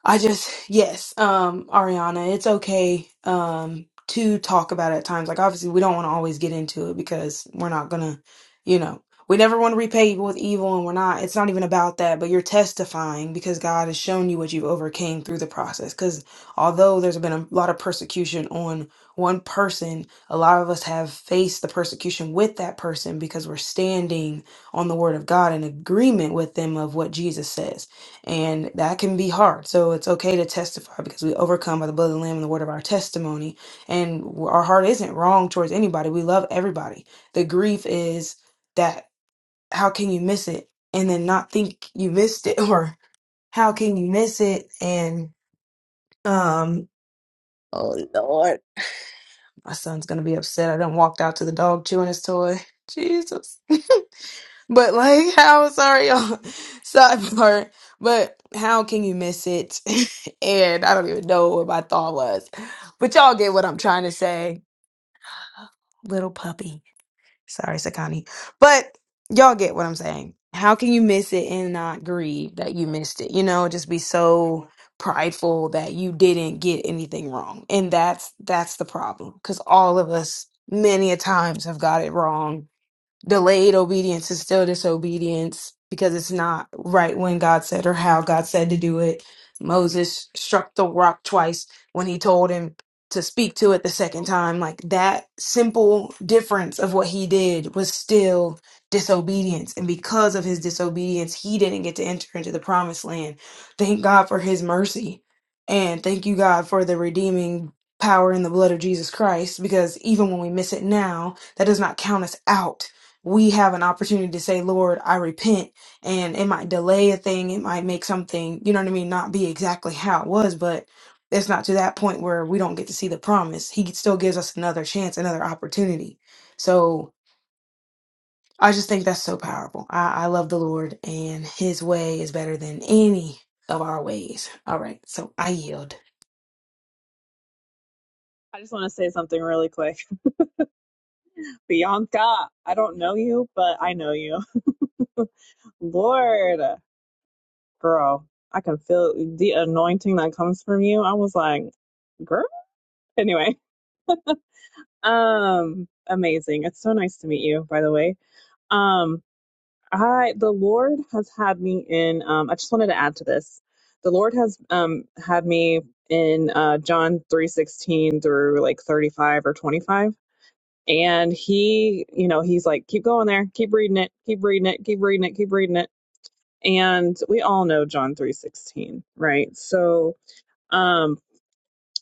[SPEAKER 3] I just yes, um, Ariana, it's okay um to talk about it at times. Like obviously we don't want to always get into it because we're not gonna, you know, we never want to repay evil with evil and we're not it's not even about that, but you're testifying because God has shown you what you've overcame through the process. Cause although there's been a lot of persecution on one person, a lot of us have faced the persecution with that person because we're standing on the word of God in agreement with them of what Jesus says. And that can be hard. So it's okay to testify because we overcome by the blood of the Lamb and the word of our testimony. And our heart isn't wrong towards anybody. We love everybody. The grief is that how can you miss it and then not think you missed it? Or how can you miss it and um Oh Lord. My son's gonna be upset. I done walked out to the dog chewing his toy. Jesus. But like how sorry y'all sidebar, but how can you miss it? And I don't even know what my thought was. But y'all get what I'm trying to say. Little puppy. Sorry, Sakani. But y'all get what I'm saying. How can you miss it and not grieve that you missed it? You know, just be so prideful that you didn't get anything wrong. And that's that's the problem cuz all of us many a times have got it wrong delayed obedience is still disobedience because it's not right when God said or how God said to do it. Moses struck the rock twice when he told him to speak to it the second time. Like that simple difference of what he did was still disobedience. And because of his disobedience, he didn't get to enter into the promised land. Thank God for his mercy. And thank you, God, for the redeeming power in the blood of Jesus Christ because even when we miss it now, that does not count us out we have an opportunity to say, Lord, I repent. And it might delay a thing. It might make something, you know what I mean, not be exactly how it was, but it's not to that point where we don't get to see the promise. He still gives us another chance, another opportunity. So I just think that's so powerful. I, I love the Lord, and his way is better than any of our ways. All right. So I yield.
[SPEAKER 1] I just want to say something really quick. But yeah, I don't know you, but I know you. Lord, girl, I can feel the anointing that comes from you. I was like, girl. Anyway, um, amazing. It's so nice to meet you, by the way. Um. I the Lord has had me in um I just wanted to add to this. The Lord has um had me in uh John 3:16 through like 35 or 25 and he, you know, he's like keep going there, keep reading it, keep reading it, keep reading it, keep reading it. And we all know John 3:16, right? So um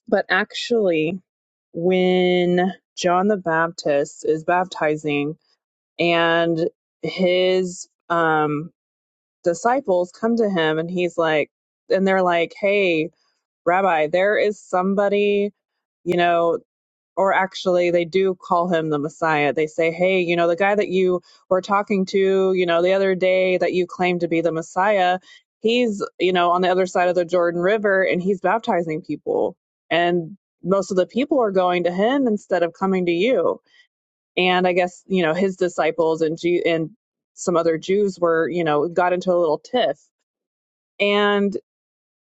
[SPEAKER 1] but actually when John the Baptist is baptizing and his um disciples come to him and he's like, and they're like, hey, Rabbi, there is somebody, you know, or actually they do call him the Messiah. They say, hey, you know, the guy that you were talking to, you know, the other day that you claimed to be the Messiah, he's, you know, on the other side of the Jordan River and he's baptizing people. And most of the people are going to him instead of coming to you. And I guess, you know, his disciples and, G- and some other Jews were, you know, got into a little tiff and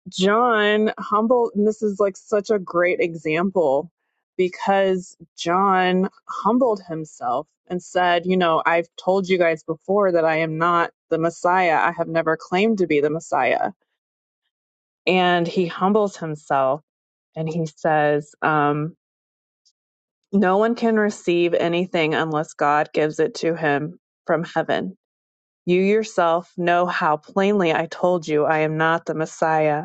[SPEAKER 1] John humbled, and this is like such a great example because John humbled himself and said, You know, I've told you guys before that I am not the Messiah. I have never claimed to be the Messiah. And he humbles himself and he says, um, No one can receive anything unless God gives it to him from heaven. You yourself know how plainly I told you I am not the Messiah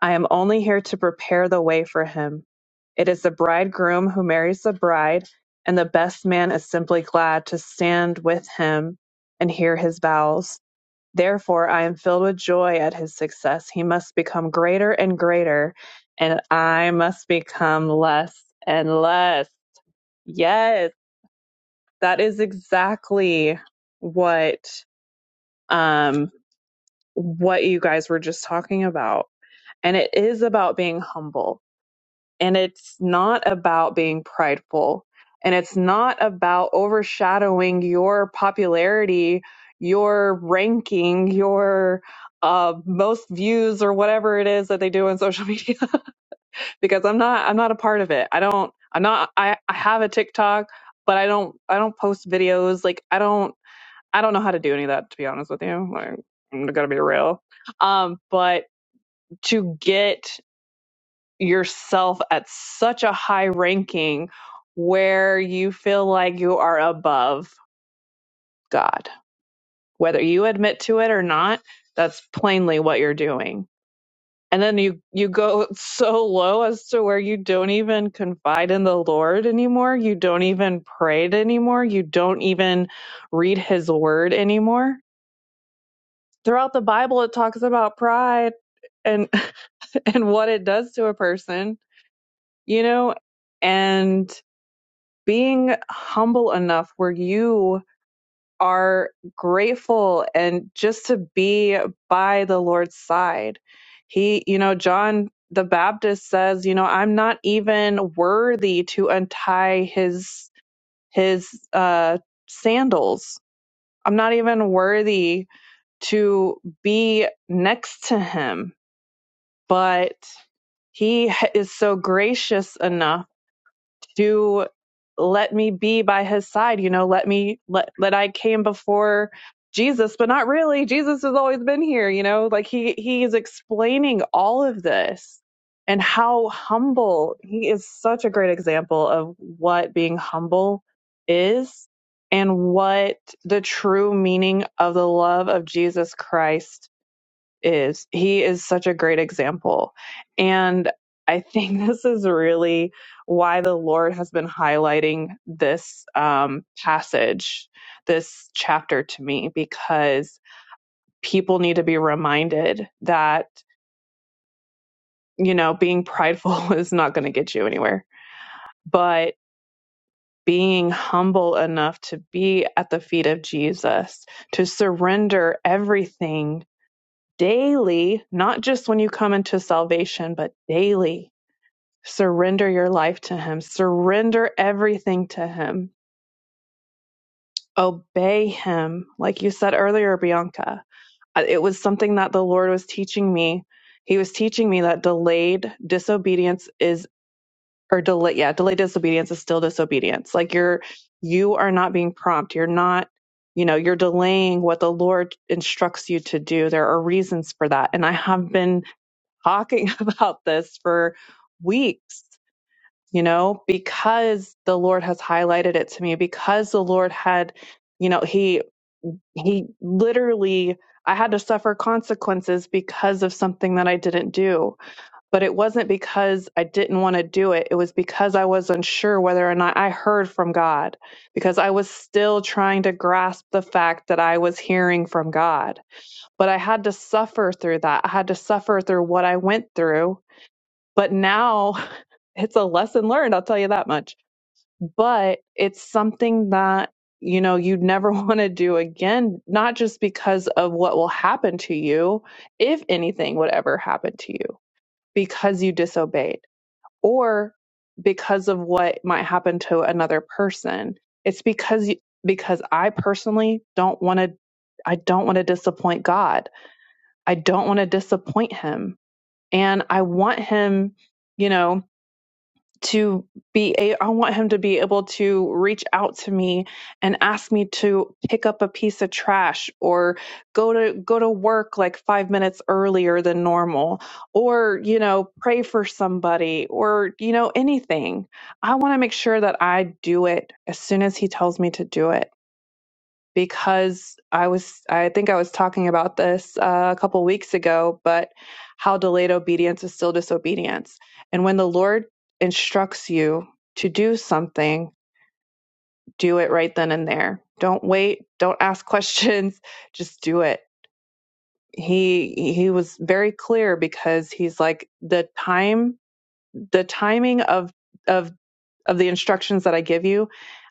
[SPEAKER 1] I am only here to prepare the way for him. It is the bridegroom who marries the bride, and the best man is simply glad to stand with him and hear his vows. Therefore, I am filled with joy at his success. He must become greater and greater, and I must become less and less. Yes, that is exactly what um what you guys were just talking about. And it is about being humble And it's not about being prideful. And it's not about overshadowing your popularity, your ranking, your uh, most views or whatever it is that they do on social media. because I'm not, I'm not a part of it. I don't, I'm not, I, I have a TikTok, but I don't, I don't post videos. Like I don't, I don't know how to do any of that, to be honest with you. Like, I'm gonna be real. Um, but to get yourself at such a high ranking where you feel like you are above God. Whether you admit to it or not, that's plainly what you're doing. And then you you go so low as to where you don't even confide in the Lord anymore. You don't even pray it anymore. You don't even read his word anymore. Throughout the Bible it talks about pride and and what it does to a person, you know, and being humble enough where you are grateful and just to be by the Lord's side. He, you know, John the Baptist says, you know, I'm not even worthy to untie his his uh sandals. I'm not even worthy to be next to him, but he is so gracious enough to let me be by his side you know let me let let i came before jesus but not really jesus has always been here you know like he he is explaining all of this and how humble he is such a great example of what being humble is and what the true meaning of the love of jesus christ is. He is such a great example. And I think this is really why the Lord has been highlighting this um, passage, this chapter to me, because people need to be reminded that, you know, being prideful is not going to get you anywhere, but being humble enough to be at the feet of Jesus, to surrender everything daily, not just when you come into salvation, but daily Surrender your life to Him. Surrender everything to Him. Obey Him. Like you said earlier, Bianca, it was something that the Lord was teaching me. He was teaching me that delayed disobedience is, or delay, yeah, delayed disobedience is still disobedience. Like you're, you are not being prompt. You're not, you know, you're delaying what the Lord instructs you to do. There are reasons for that. And I have been talking about this for weeks you know, because the Lord has highlighted it to me, because the Lord had, you know, he he literally I had to suffer consequences because of something that I didn't do. But it wasn't because I didn't want to do it. It was because I was unsure whether or not I heard from God, because I was still trying to grasp the fact that I was hearing from God. But I had to suffer through that. I had to suffer through what I went through. But now it's a lesson learned, I'll tell you that much but it's something that you know you'd never want to do again not just because of what will happen to you if anything would ever happen to you because you disobeyed or because of what might happen to another person it's because you, because I personally don't want to I don't want to disappoint God I don't want to disappoint him and I want him you know to be a I want him to be able to reach out to me and ask me to pick up a piece of trash or go to go to work like 5 minutes earlier than normal or you know pray for somebody or you know anything. I want to make sure that I do it as soon as he tells me to do it because I was, I think I was talking about this uh, a couple weeks ago, but how delayed obedience is still disobedience. And when the Lord instructs you to do something, do it right then and there. Don't wait. Don't ask questions. Just do it. He, he was very clear because he's like, the time, the timing of, of of the instructions that I give you.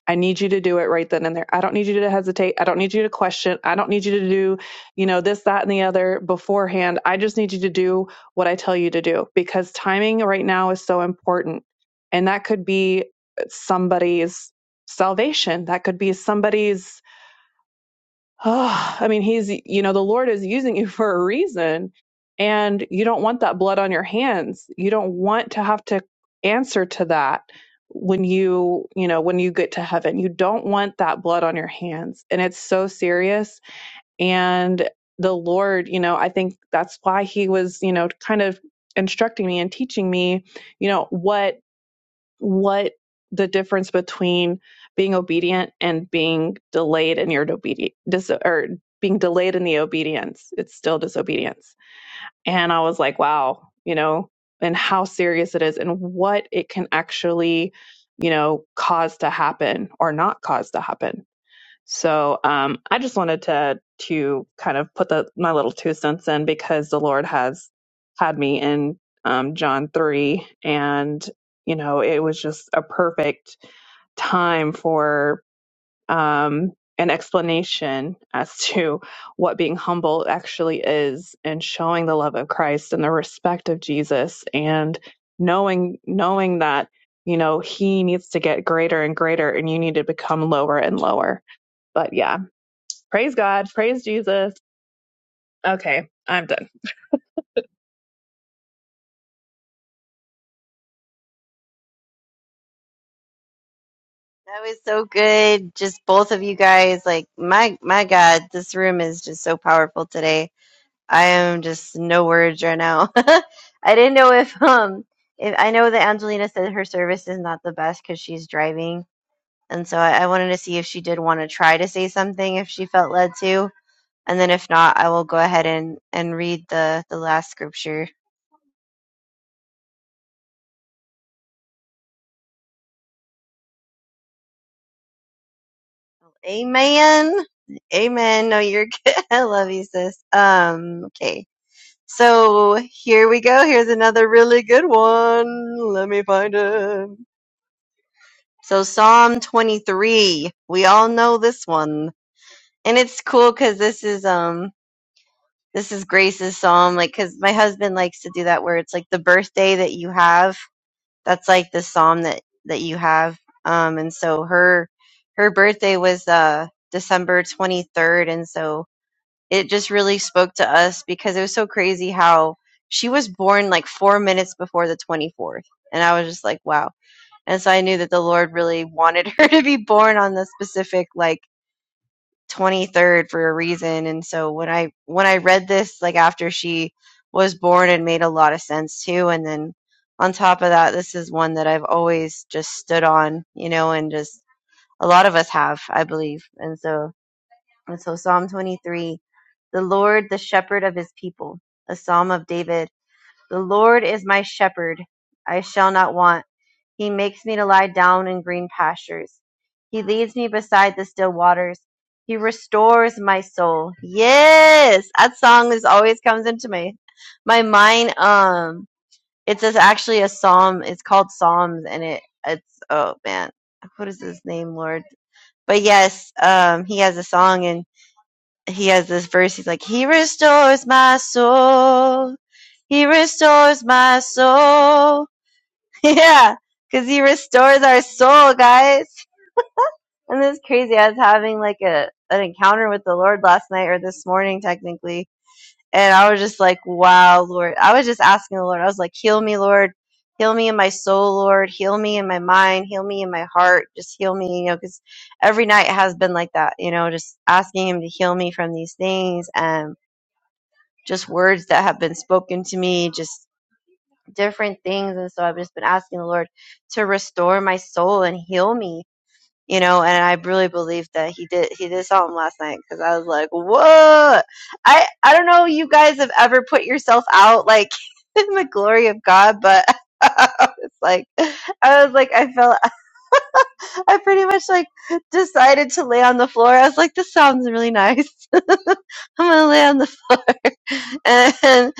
[SPEAKER 1] I need you to do it right then and there. I don't need you to hesitate. I don't need you to question. I don't need you to do, you know, this, that, and the other beforehand. I just need you to do what I tell you to do because timing right now is so important. And that could be somebody's salvation. That could be somebody's oh, I mean, he's, you know, the Lord is using you for a reason. And you don't want that blood on your hands. You don't want to have to answer to that when you, you know, when you get to heaven. You don't want that blood on your hands. And it's so serious. And the Lord, you know, I think that's why he was, you know, kind of instructing me and teaching me, you know, what what the difference between being obedient and being delayed in your obedience dis- or being delayed in the obedience it's still disobedience and i was like wow you know and how serious it is and what it can actually you know cause to happen or not cause to happen so um, I just wanted to to kind of put the, my little two cents in because the Lord has had me in um, John three, and you know it was just a perfect time for um, an explanation as to what being humble actually is, and showing the love of Christ and the respect of Jesus, and knowing knowing that you know He needs to get greater and greater, and you need to become lower and lower. But yeah, Praise God. Praise Jesus. Okay, I'm done.
[SPEAKER 2] That was so good. Just both of you guys, like my my God, this room is just so powerful today. I am just no words right now. I didn't know if um if I know that Angelina said her service is not the best because she's driving, And so I, I wanted to see if she did want to try to say something if she felt led to. And then if not, I will go ahead and, and read the, the last scripture. Amen. Amen. No, you're good. I love you, sis. Um, okay. So here we go. Here's another really good one. Let me find it. So Psalm 23. We all know this one. And it's cool because this is, um, this is Grace's psalm, like, cause my husband likes to do that where it's like the birthday that you have That's like the psalm that that you have. Um, and so her her birthday was uh December 23rd, and so it just really spoke to us because it was so crazy how she was born like four minutes before the 24th, and I was just like, wow. And so I knew that the Lord really wanted her to be born on the specific like 23rd for a reason and so when i when i read this like after she was born it made a lot of sense too and then on top of that this is one that i've always just stood on you know and just a lot of us have i believe and so and so psalm 23 the lord the shepherd of his people a psalm of david the lord is my shepherd i shall not want he makes me to lie down in green pastures. He leads me beside the still waters. He restores my soul. Yes, that song is always comes into my my mind. Um, it's just actually a psalm. It's called Psalms, and it it's oh man, what is his name, Lord? But yes, um, he has a song and he has this verse. He's like, He restores my soul. He restores my soul. Yeah, because he restores our soul, guys. And this crazy. I was having like a an encounter with the Lord last night or this morning, technically, and I was just like, "Wow, Lord!" I was just asking the Lord. I was like, "Heal me, Lord. Heal me in my soul, Lord. Heal me in my mind. Heal me in my heart. Just heal me, you know." Because every night has been like that, you know, just asking Him to heal me from these things and just words that have been spoken to me, just different things. And so I've just been asking the Lord to restore my soul and heal me, you know, and I really believe that he did, he did something last night because I was like, whoa, I, I don't know if you guys have ever put yourself out like in the glory of God, but it's like, I was like, I felt, I pretty much like decided to lay on the floor. I was like, this sounds really nice. I'm going to lay on the and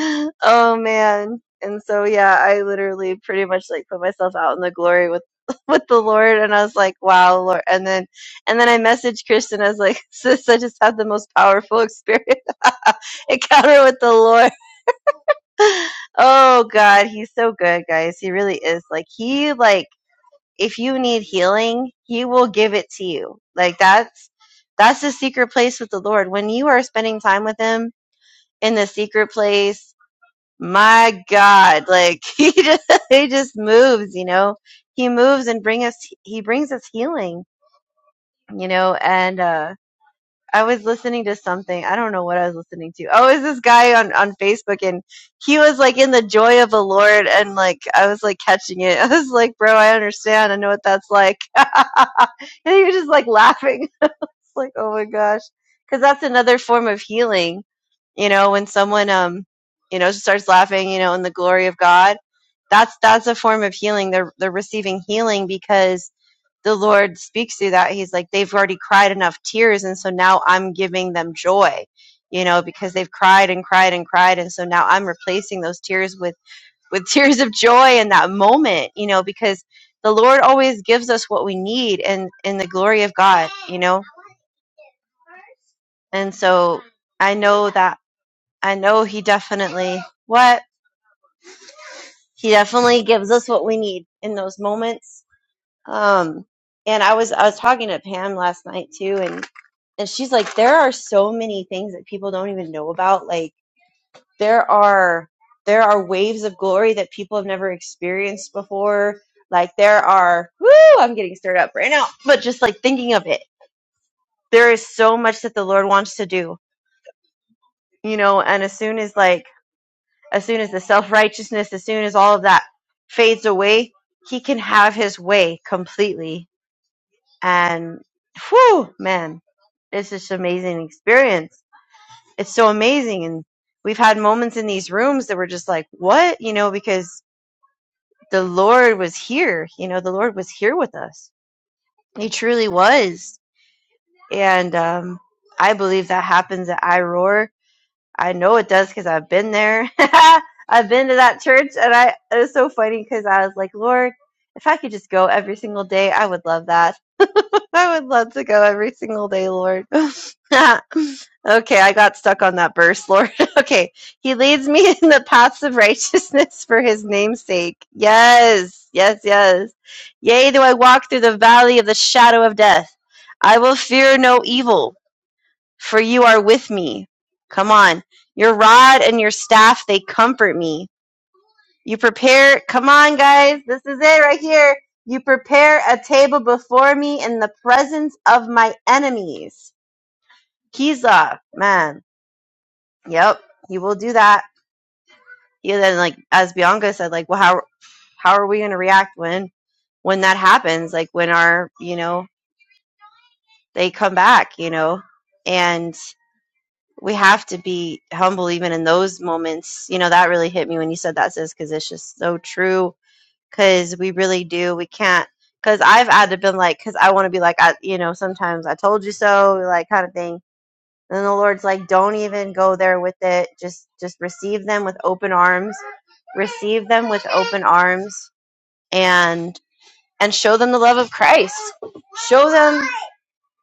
[SPEAKER 2] oh man and so yeah i literally pretty much like put myself out in the glory with with the lord and i was like wow lord and then and then i messaged kristen i was like sis i just had the most powerful experience encounter with the lord oh god he's so good guys he really is like he like if you need healing he will give it to you like that's that's the secret place with the lord when you are spending time with him in the secret place my God, like he just, he just moves, you know. He moves and bring us he brings us healing, you know. And uh I was listening to something. I don't know what I was listening to. Oh, is this guy on on Facebook and he was like in the joy of the Lord and like I was like catching it. I was like, "Bro, I understand. I know what that's like." and he was just like laughing like, oh my gosh, because that's another form of healing. You know, when someone, um, you know, starts laughing, you know, in the glory of God, that's that's a form of healing. They're they're receiving healing because the Lord speaks through that. He's like, they've already cried enough tears, and so now I'm giving them joy. You know, because they've cried and cried and cried, and so now I'm replacing those tears with with tears of joy in that moment. You know, because the Lord always gives us what we need and in the glory of God. You know, and so I know that I know he definitely what he definitely gives us what we need in those moments. Um, and I was I was talking to Pam last night too, and and she's like, there are so many things that people don't even know about. Like there are there are waves of glory that people have never experienced before. Like there are woo, I'm getting stirred up right now. But just like thinking of it, there is so much that the Lord wants to do, you know. And as soon as like as soon as the self righteousness, as soon as all of that fades away, he can have his way completely. And whew, man, it's just an amazing experience. It's so amazing. And we've had moments in these rooms that were just like, what? You know, because the Lord was here. You know, the Lord was here with us. He truly was. And um, I believe that happens at IROAR I know it does because I've been there. I've been to that church, and I it was so funny because I was like, Lord, if I could just go every single day, I would love that. I would love to go every single day, Lord. okay, I got stuck on that verse, Lord. okay, He leads me in the paths of righteousness for His name's sake. Yes, yes, yes. Yea, do I walk through the valley of the shadow of death? I will fear no evil for you are with me. Come on. Your rod and your staff, they comfort me. You prepare, come on, guys. This is it right here. You prepare a table before me in the presence of my enemies. Kizah, man. Yep, he will do that. Yeah, then like as Bianca said, like, well, how how are we gonna react when when that happens? Like when our, you know, they come back, you know. and. we have to be humble even in those moments. You know, that really hit me when you said that, sis, because it's just so true. Because we really do. We can't. Because I've had to been like, because I want to be like, I, you know, sometimes I told you so, like kind of thing. And then the Lord's like, don't even go there with it. Just, just receive them with open arms. Receive them with open arms, and and show them the love of Christ. Show them,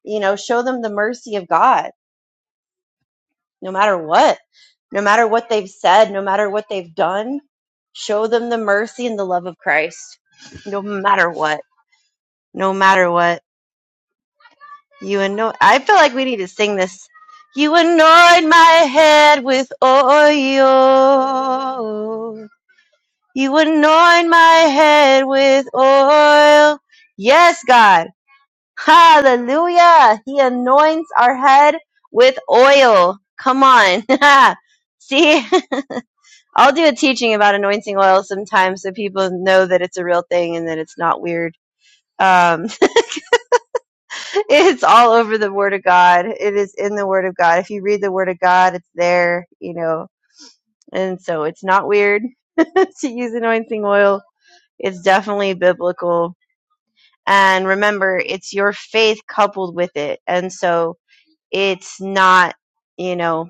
[SPEAKER 2] you know, show them the mercy of God no matter what, no matter what they've said, no matter what they've done, show them the mercy and the love of Christ, no matter what, no matter what. You anoint. I feel like we need to sing this. You anoint my head with oil. You anoint my head with oil. Yes, God. Hallelujah. He anoints our head with oil. Come on. See? I'll do a teaching about anointing oil sometimes, so people know that it's a real thing and that it's not weird. Um, it's all over the Word of God. It is in the Word of God. If you read the Word of God, it's there, you know, and so it's not weird to use anointing oil. It's definitely biblical. And remember, it's your faith coupled with it. And so it's not, you know,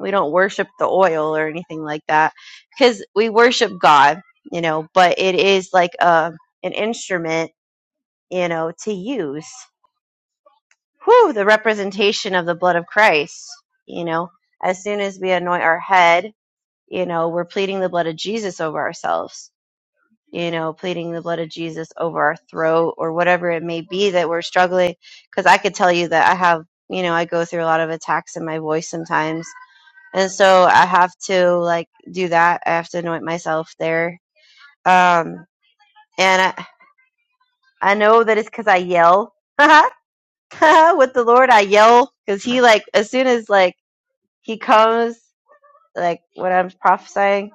[SPEAKER 2] we don't worship the oil or anything like that because we worship god you know but it is like a an instrument you know to use whew the representation of the blood of christ you know as soon as we anoint our head you know we're pleading the blood of jesus over ourselves you know pleading the blood of jesus over our throat or whatever it may be that we're struggling because i could tell you that i have you know i go through a lot of attacks in my voice sometimes and so I have to like do that. I have to anoint myself there. Um, and I I know that it's because I yell with the Lord. I yell because He like as soon as like He comes, like when I'm prophesying,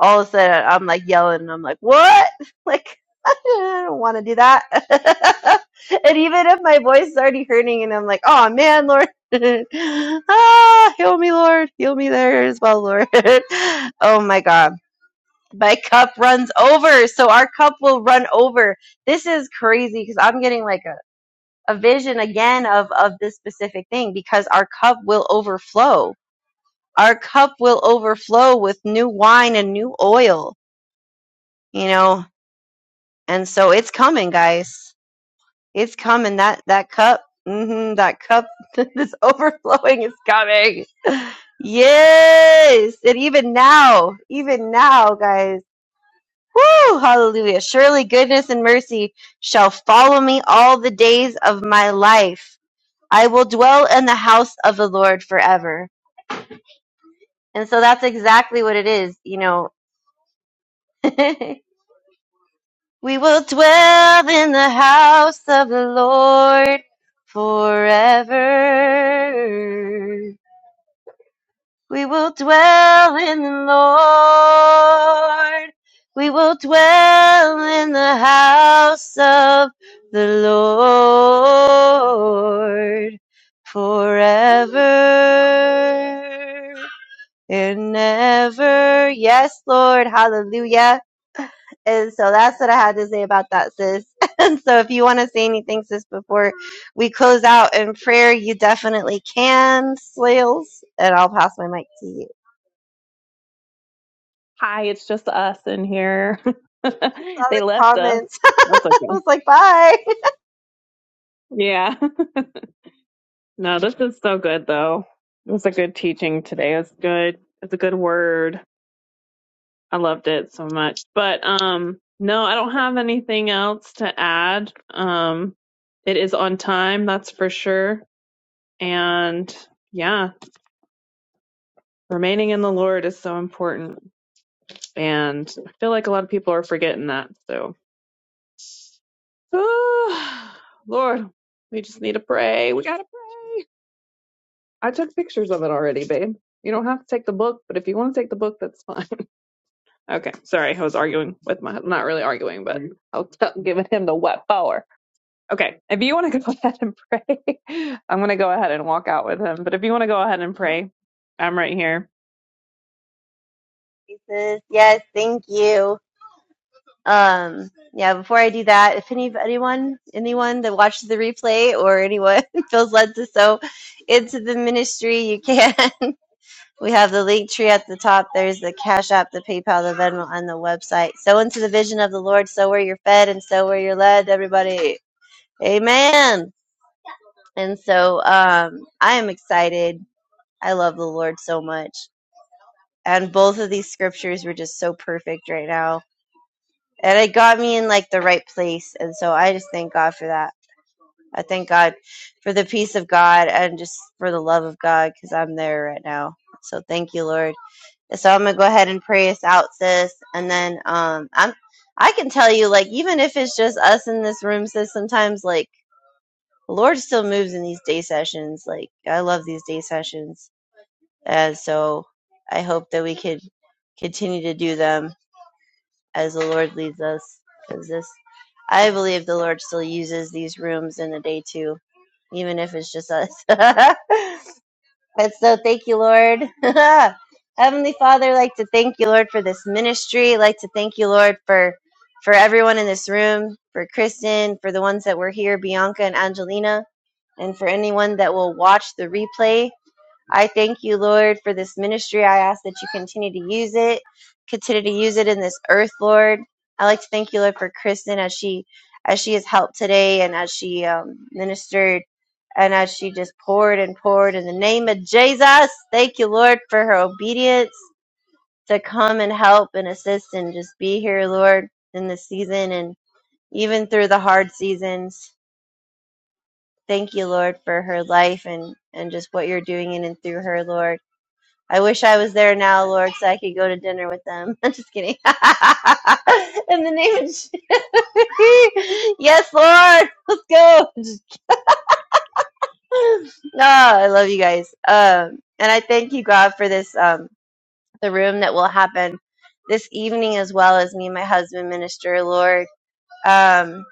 [SPEAKER 2] all of a sudden I'm like yelling. And I'm like, what? Like I don't want to do that. and even if my voice is already hurting, and I'm like, oh man, Lord. ah, heal me, Lord. Heal me there as well, Lord. oh my God my cup runs over. So our cup will run over. This is crazy because I'm getting like a, a vision again of, of this specific thing because our cup will overflow. Our cup will overflow with new wine and new oil, you know, and so it's coming, guys. It's coming. That, that cup, hmm that cup that's overflowing is coming. Yes. And even now, even now, guys. Woo! Hallelujah. Surely goodness and mercy shall follow me all the days of my life. I will dwell in the house of the Lord forever. And so that's exactly what it is, you know. we will dwell in the house of the Lord forever. We will dwell in the Lord. We will dwell in the house of the Lord forever and ever. Yes, Lord. Hallelujah. And so that's what I had to say about that, sis. And so if you want to say anything, sis, before we close out in prayer, you definitely can, Slales. And I'll pass my mic to you.
[SPEAKER 1] Hi, it's just us in here.
[SPEAKER 2] saw
[SPEAKER 1] they
[SPEAKER 2] the
[SPEAKER 1] left us.
[SPEAKER 2] comments.
[SPEAKER 1] That's
[SPEAKER 2] I
[SPEAKER 1] okay.
[SPEAKER 2] was like, bye.
[SPEAKER 1] Yeah. No, this is so good though. It was a good teaching today. It's good. It's a good word. I loved it so much. But um no, I don't have anything else to add. Um it is on time, that's for sure. And yeah, remaining in the Lord is so important. And I feel like a lot of people are forgetting that. So Lord, we just need to pray. We got to I took pictures of it already, babe. You don't have to take the book, but if you want to take the book, that's fine. okay, sorry, I was arguing with my, not really arguing, but I was t- giving him the wet power. Okay, if you want to go ahead and pray, I'm going to go ahead and walk out with him. But if you want to go ahead and pray, I'm right here.
[SPEAKER 2] He says, yes, thank you. Um, yeah, before I do that, if any anyone anyone that watches the replay or anyone feels led to sow into the ministry, you can. We have the link tree at the top. There's the Cash App, the PayPal, the Venmo, and the website. Sow into the vision of the Lord, sow where you're fed and sow where you're led, everybody. Amen. And so um I am excited. I love the Lord so much. and both of these scriptures were just so perfect right now and it got me in like the right place and so i just thank god for that i thank god for the peace of god and just for the love of god because i'm there right now so thank you lord so i'm gonna go ahead and pray us out sis and then um i'm i can tell you like even if it's just us in this room sis sometimes like the lord still moves in these day sessions like i love these day sessions and so i hope that we could continue to do them as the Lord leads us. Because this, I believe the Lord still uses these rooms in a day too, even if it's just us. and so thank you, Lord. Heavenly Father, I'd like to thank you, Lord, for this ministry. I'd like to thank you, Lord, for for everyone in this room, for Kristen, for the ones that were here, Bianca and Angelina, and for anyone that will watch the replay. I thank you, Lord, for this ministry. I ask that you continue to use it, continue to use it in this earth, Lord. I like to thank you, Lord, for Kristen as she as she has helped today and as she um, ministered and as she just poured and poured in the name of Jesus. Thank you, Lord, for her obedience to come and help and assist and just be here, Lord, in this season and even through the hard seasons. Thank you, Lord, for her life and and just what you're doing in and through her, Lord. I wish I was there now, Lord, so I could go to dinner with them. I'm just kidding. In the name of Je- Yes, Lord, let's go. Just kidding. No, I love you guys. Um, and I thank you, God, for this um the room that will happen this evening as well as me and my husband minister, Lord. Um,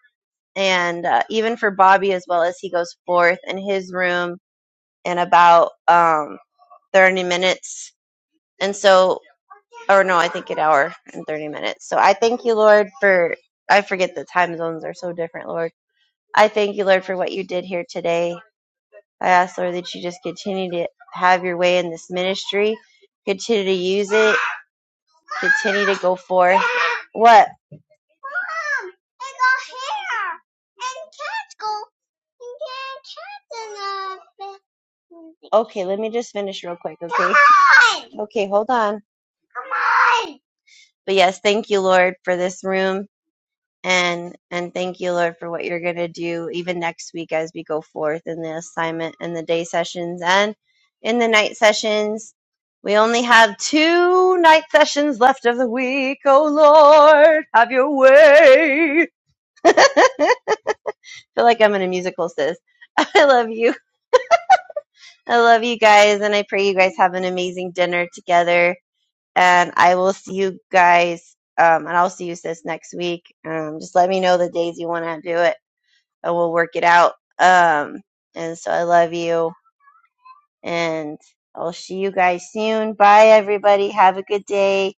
[SPEAKER 2] and uh, even for Bobby as well as he goes forth in his room in about um 30 minutes. And so or no, I think an hour and 30 minutes. So I thank you, Lord, for, I forget the time zones are so different, Lord. I thank you, Lord, for what you did here today. I ask, Lord, that you just continue to have your way in this ministry, continue to use it, continue to go forth. What? Mom, it got hair and and cats cats go And cats in the... Okay, let me just finish real quick, okay? Come on! Okay, hold on. Come on. but yes, thank you, Lord, for this room. And, and thank you, Lord, for what you're going to do even next week as we go forth in the assignment and the day sessions and in the night sessions. We only have two night sessions left of the week. Oh, Lord, have your way. feel like I'm in a musical, sis. I love you. I love you guys. And I pray you guys have an amazing dinner together and I will see you guys. Um, and I'll see you sis next week. Um, just let me know the days you want to do it, and we'll work it out. Um, and so I love you, and I'll see you guys soon. Bye, everybody. Have a good day.